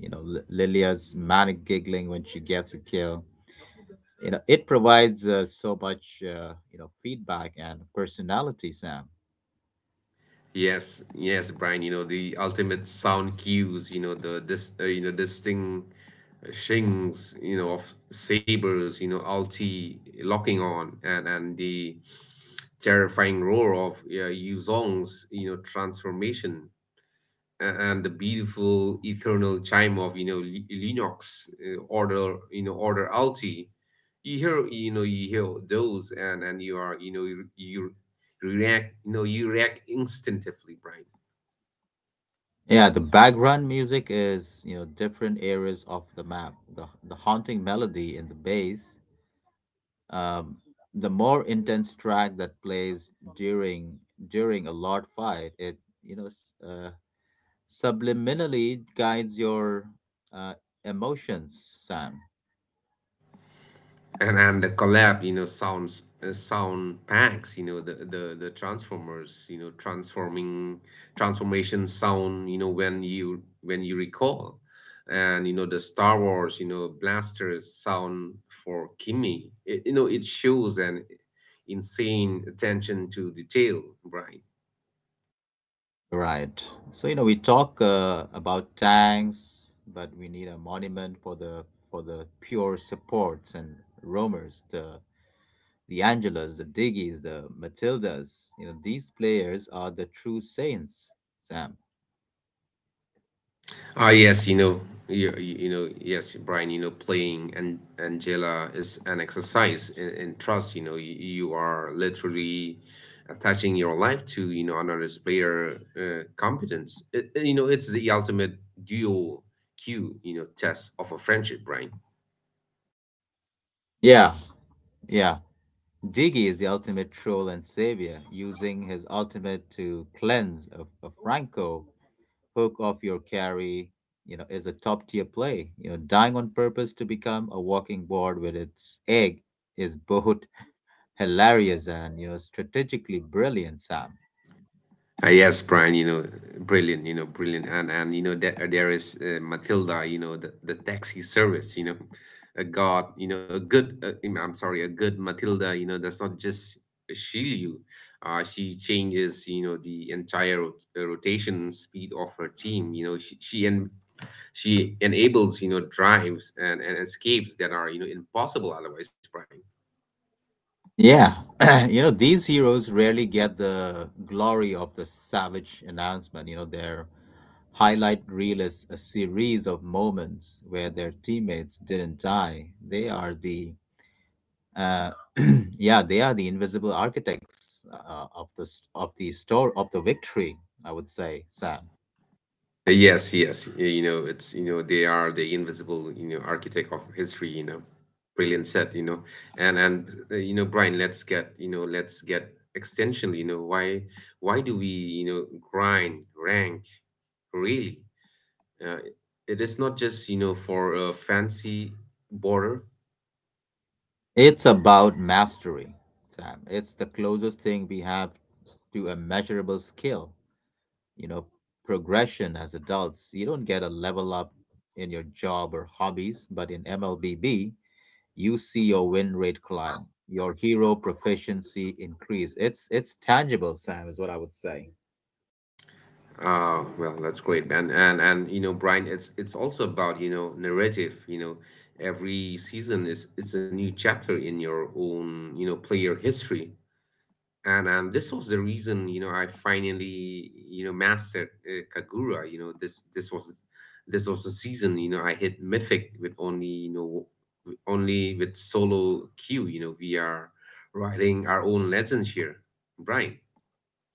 Speaker 1: you know, L- Lilia's manic giggling when she gets a kill. You know, it provides uh, so much, uh, you know, feedback and personality, Sam.
Speaker 2: Yes, yes, Brian, you know, the ultimate sound cues, you know, the dis, uh, you know, distinct uh, shings, you know, of sabers, you know, ulti locking on, and and the terrifying roar of uh, Yuzong's, you know, transformation, a- and the beautiful eternal chime of you know Li- Linux uh, order you know order alti. You hear you know you hear those, and and you are you know you, you react. You know you react instinctively, Brian.
Speaker 1: Yeah, the background music is, you know, different areas of the map. The, the haunting melody in the bass, Um, the more intense track that plays during during a loud fight, it you know s- uh, subliminally guides your uh, emotions, Sam.
Speaker 2: And and the collab you know sounds uh, sound packs, you know the, the the Transformers you know transforming transformation sound you know when you when you recall, and you know the Star Wars you know blaster sound for Kimmy. It, you know it shows an insane attention to detail, Brian.
Speaker 1: Right. So you know we talk uh, about tanks, but we need a monument for the for the pure supports and roamers, the the Angelas, the Diggies, the Matildas. You know these players are the true saints, Sam.
Speaker 2: Ah, yes, you know, you, you know, yes, Brian, you know, playing and Angela is an exercise in, in trust. You know, you, you are literally attaching your life to, you know, another player uh, competence. It, it- you know, it's the ultimate dual Q, you know, test of a friendship, Brian.
Speaker 1: Yeah, yeah. Diggy is the ultimate troll and savior, using his ultimate to cleanse a, a Franco hook off your carry. You know, is a top tier play. You know, dying on purpose to become a walking board with its egg is both hilarious and you know strategically brilliant, Sam.
Speaker 2: Uh, yes, Brian, you know, brilliant, you know, brilliant. And and you know that there is uh, Matilda, you know, the, the taxi service. You know, a god, you know, a good uh, I'm I'm sorry, a good Matilda, you know, does not just shield you. Uh, she changes, you know, the entire rot- uh, rotation speed of her team. You know, she she and she enables, you know, drives and, and escapes that are, you know, impossible otherwise, Brian.
Speaker 1: Yeah. You know, these heroes rarely get the glory of the savage announcement. You know, their highlight reel is a series of moments where their teammates didn't die. They are the uh, yeah, they are the invisible architects uh, of the s- of the story of the victory, I would say, Sam.
Speaker 2: Uh, Yes, yes. Y- You know, it's, you know, they are the invisible, you know, architect of history, you know. Brilliant set, you know. And and uh, you know, Brian, let's get, you know, let's get extensionally, you know, why why do we, you know, grind, rank, really? Uh, it is not just, you know, for a fancy border.
Speaker 1: It's about mastery, Sam. It's the closest thing we have to a measurable skill, you know, progression as adults. You don't get a level up in your job or hobbies, but in M L B B, you see your win rate climb, your hero proficiency increase. It's it's tangible, Sam, is what I would say.
Speaker 2: Uh, well, that's great, man. And and you know, Brian, it's it's also about, you know, narrative. You know, every season is it's a new chapter in your own, you know, player history. And and this was the reason, you know, I finally, you know, mastered uh, Kagura. You know, this this was this was the season, you know, I hit mythic with only, you know, w- only with solo queue. You know, we are writing our own legends here, Brian.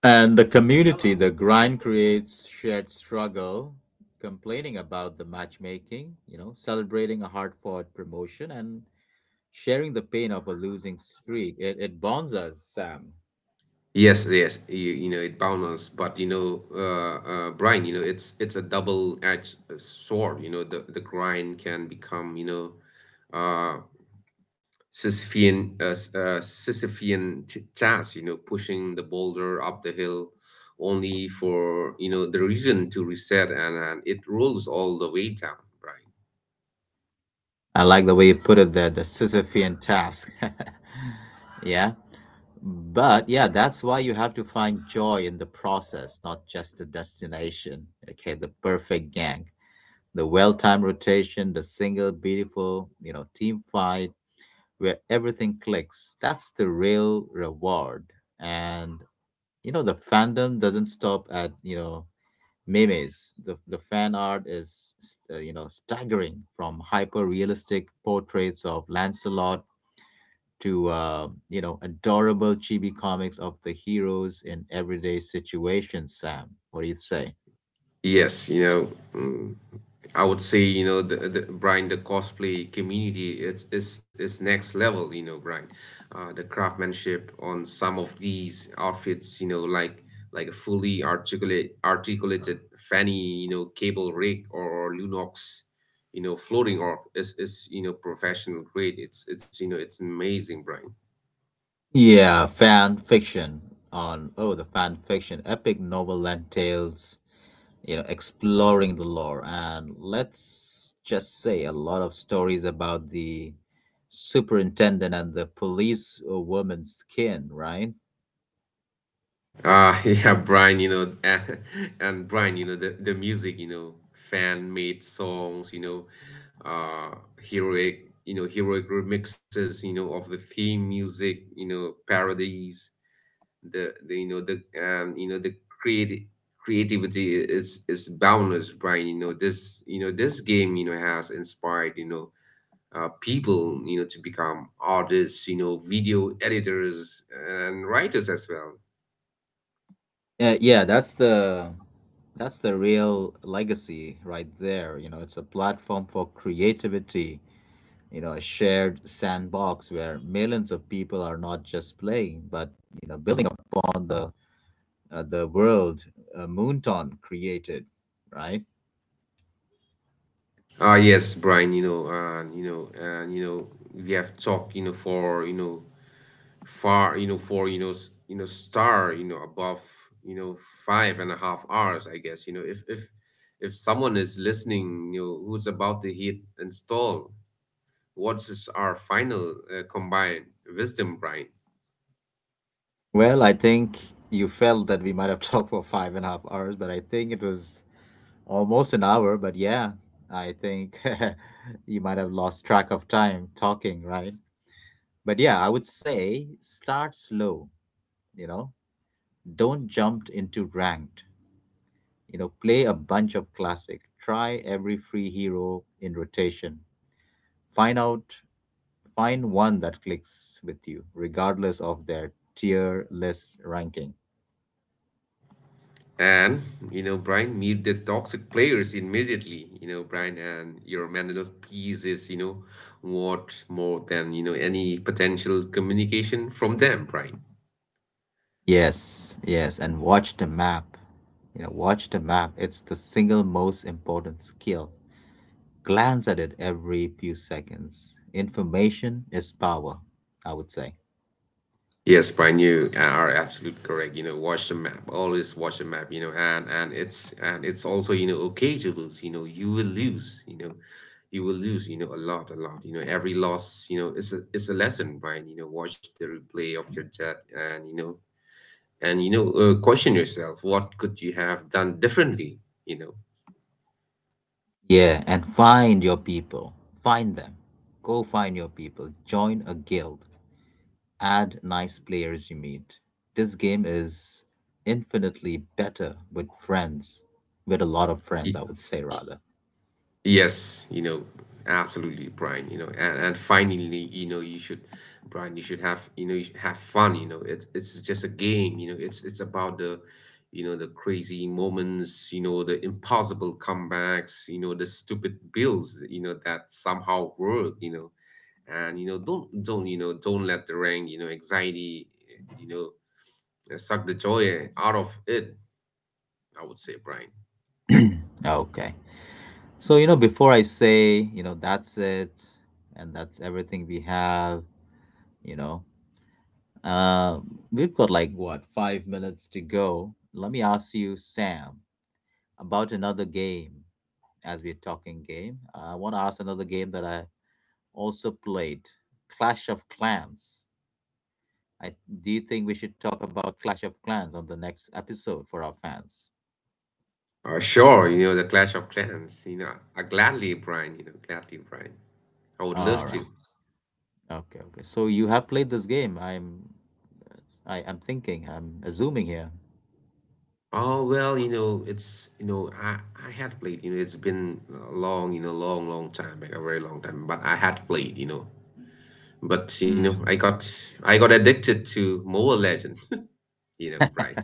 Speaker 1: And the community, the grind creates shared struggle, complaining about the matchmaking, you know, celebrating a hard fought promotion and sharing the pain of a losing streak. It, it bonds us, Sam.
Speaker 2: Yes, yes, you, you know it bounces, but, you know, uh, uh, Brian, you know it's it's a double-edged uh, sword. You know the the grind can become you know, uh, Sisyphean uh, s- uh, Sisyphean t task. You know, pushing the boulder up the hill, only for you know the reason to reset and, and it rolls all the way down, Brian.
Speaker 1: I like the way you put it there, the Sisyphean task. Yeah. But yeah, that's why you have to find joy in the process, not just the destination. Okay, the perfect gang, the well timed rotation, the single beautiful, you know, team fight where everything clicks. That's the real reward. And, you know, the fandom doesn't stop at, you know, memes. The, the fan art is, uh, you know, staggering, from hyper realistic portraits of Lancelot to, uh, you know, adorable chibi comics of the heroes in everyday situations. Sam, what do you say?
Speaker 2: Yes, you know, mm, I would say, you know, the, the Brian, the cosplay community, it's is is next level, you know, Brian. Uh, the craftsmanship on some of these outfits, you know, like like a fully articulate articulated fanny, you know, cable rig or, or Lunox, you know, floating or is is you know professional grade. It's it's you know it's amazing, Brian.
Speaker 1: Yeah, fan fiction on, oh, the fan fiction, epic novel and tales, you know exploring the lore, and let's just say a lot of stories about the superintendent and the police uh, woman's skin, right?
Speaker 2: Uh, yeah, Brian, you know, and, and Brian, you know, the, the music, you know, fan-made songs, you know, uh, heroic, you know, heroic remixes, you know, of the theme music, you know, parodies, the, the you know, the, and, you know, the creati creativity is, is boundless, Brian, you know, this, you know, this game, you know, has inspired, you know, uh, people, you know, to become artists, you know, video editors and writers as well.
Speaker 1: Yeah, yeah, that's the that's the real legacy right there. You know it's a platform for creativity, you know a shared sandbox where millions of people are not just playing, but you know building upon the uh, the world uh, Moonton created, right?
Speaker 2: Ah yes, Brian, you know, and you know, and you know, we have talked, you know, for you know, far, you know, for you know, s- you know, star, you know, above, you know, five and a half hours, I guess. You know, if if if someone is listening, you know, who's about to hit install, what's is our final uh, combined wisdom, Brian?
Speaker 1: Well, I think you felt that we might have talked for five and a half hours, but I think it was almost an hour. But yeah, I think you might have lost track of time talking, right? But yeah, I would say start slow. you know, don't jump into ranked. You know, play a bunch of classic, try every free hero in rotation, find out, find one that clicks with you, regardless of their tier list ranking.
Speaker 2: And, you know, Brian, meet the toxic players immediately. You know, Brian, and your mental peace is, you know, what more than, you know, any potential communication from them, Brian.
Speaker 1: Yes, yes, and watch the map. You know, watch the map. It's the single most important skill. Glance at it every few seconds. Information is power, I would say.
Speaker 2: Yes, Brian, you are absolutely correct. You know, watch the map. Always watch the map, you know, and and it's and it's also, you know, okay to lose. You know, you will lose, you know. You will lose, you know, a lot, a lot. You know, every loss, you know, is a is a lesson, Brian. You know, watch the replay of your death and you know and you know uh, question yourself what could you have done differently you know
Speaker 1: Yeah, and find your people. Find them. Go find your people. Join a guild. Add nice players you meet. This game is infinitely better with friends, with a lot of friends,
Speaker 2: Y-
Speaker 1: I would say rather.
Speaker 2: yes, you know absolutely, Brian, you know and, and finally, you know you should Brian, you should have you know you should have fun you know it's it's just a game you know it's it's about the you know the crazy moments you know the impossible comebacks you know the stupid bills you know that somehow work you know and you know don't don't you know don't let the rank you know anxiety, you know uh, suck the joy out of it, I would say, Brian.
Speaker 1: Okay. So, you know, before I say, you know, that's it and that's everything we have, you know, uh, we've got like what, five minutes to go. Let me ask you, Sam, about another game as we're talking game. I want to ask another game that I also played, Clash of Clans. I, do you think we should talk about Clash of Clans on the next episode for our fans?
Speaker 2: Uh, sure, you know, the Clash of Clans, you know, I gladly, Brian, you know, gladly, Brian. I would
Speaker 1: All
Speaker 2: love
Speaker 1: right.
Speaker 2: to.
Speaker 1: Okay, okay. So you have played this game. I'm I, I'm thinking, I'm assuming here.
Speaker 2: Oh, well, you know, it's, you know, I, I had played, you know, it's been a long, you know, long, long time back, a very long time, but I had played, you know, but, you know,
Speaker 1: Mm,
Speaker 2: I got, I got addicted to Mobile Legends, you know, Brian.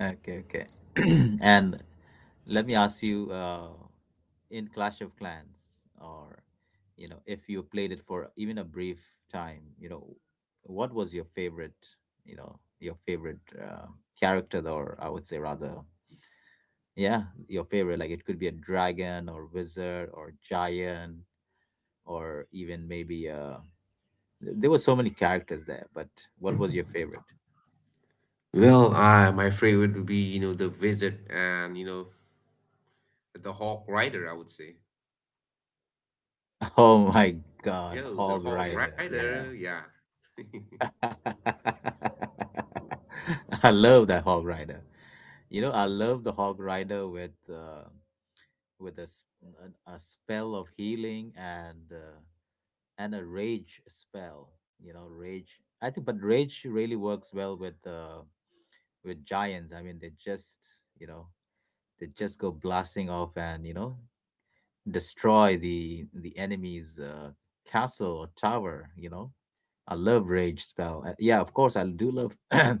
Speaker 1: okay, okay. And let me ask you, uh, in Clash of Clans, or you know, if you played it for even a brief time, you know, what was your favorite, you know, your favorite uh, character, or I would say rather, yeah, your favorite. Like it could be a dragon or wizard or giant or even maybe uh, there were so many characters there. But what was your favorite?
Speaker 2: Well, uh, my favorite would be, you know, the Wizard and, you know, the Hawk Rider, I would say.
Speaker 1: Oh my God,
Speaker 2: Yo,
Speaker 1: Hog
Speaker 2: the Hawk
Speaker 1: Rider, yeah.
Speaker 2: Rider, yeah.
Speaker 1: I love that hog rider. You know, I love the hog rider with uh, with a, s- a- a spell of healing and uh, and a rage spell. You know, rage, I think, but rage really works well with uh, with giants. I mean, they just you know they just go blasting off and you know destroy the the enemy's uh, castle or tower. You know, I love rage spell. Uh, Yeah, of course, I do love.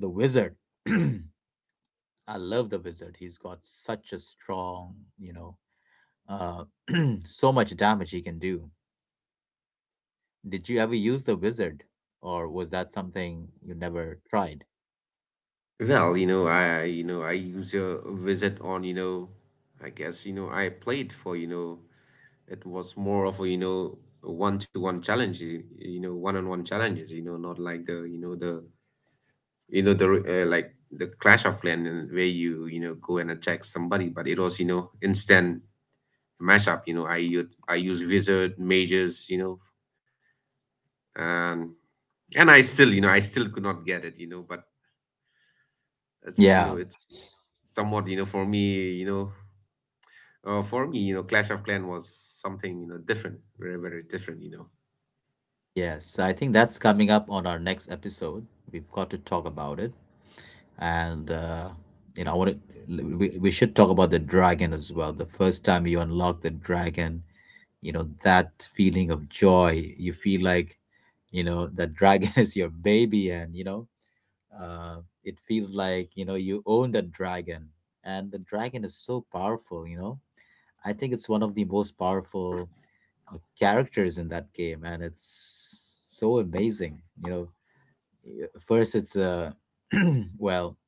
Speaker 1: The Wizard. I love the Wizard. He's got such a strong, you know, uh, so much damage he can do. Did you ever use the Wizard, or was that something you never tried?
Speaker 2: Well, you know, I, you know, I use a Wizard on, you know, I guess, you know, I played for, you know, it was more of a, you know, one-to-one challenge, you you know, one-on-one challenges, you know, not like the, you know, the, you know, the, uh, like the Clash of Clans and where you, you know, go and attack somebody, but it was, you know, instant mashup. You know, I u- I use wizard mages. You know, and and I still you know I still could not get it. You know, but it's you
Speaker 1: Yeah,
Speaker 2: know it's somewhat, you know for me you know uh, for me, you know Clash of Clan was something you know different, very very different. You know,
Speaker 1: yes. I think that's coming up on our next episode. We've got to talk about it. And, uh, you know, I want to, we, we should talk about the dragon as well. The first time you unlock the dragon, you know that feeling of joy you feel, like you know that dragon is your baby, and you know uh, it feels like you know you own that dragon, and the dragon is so powerful. you know I think it's one of the most powerful uh, characters in that game, and it's so amazing, you know Uh, first it's uh well,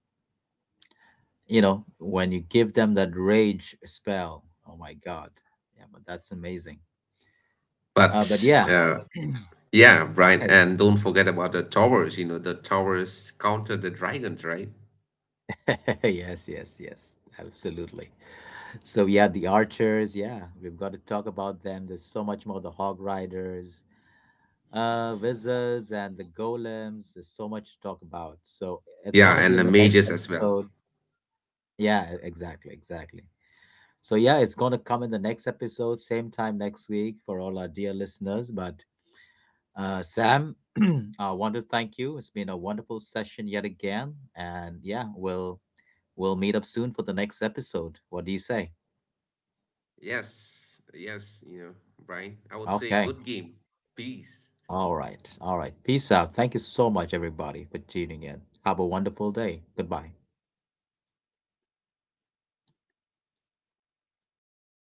Speaker 1: you know when you give them that rage spell. Oh my God. Yeah, but that's amazing. Uh but
Speaker 2: but
Speaker 1: yeah.
Speaker 2: uh, Yeah, Brian, and don't forget about the towers. You know, the towers counter the dragons, right?
Speaker 1: Yes, yes, yes, absolutely. So yeah, the archers, yeah, we've got to talk about them. There's so much more, the hog riders, uh, wizards and the golems. There's so much to talk about. So it's
Speaker 2: Yeah,
Speaker 1: gonna be
Speaker 2: and
Speaker 1: in
Speaker 2: the
Speaker 1: the next
Speaker 2: mages as well.
Speaker 1: episode. Yeah, e- exactly, exactly. So yeah, it's gonna come in the next episode, same time next week for all our dear listeners. But uh, Sam, I want to thank you. It's been a wonderful session yet again, and yeah, we'll We'll meet up soon for the next episode. What do you say?
Speaker 2: Yes, yes, you know, Brian. I would say
Speaker 1: Okay.
Speaker 2: good game. Peace.
Speaker 1: All right. All right. Peace out. Thank you so much, everybody, for tuning in. Have a wonderful day. Goodbye.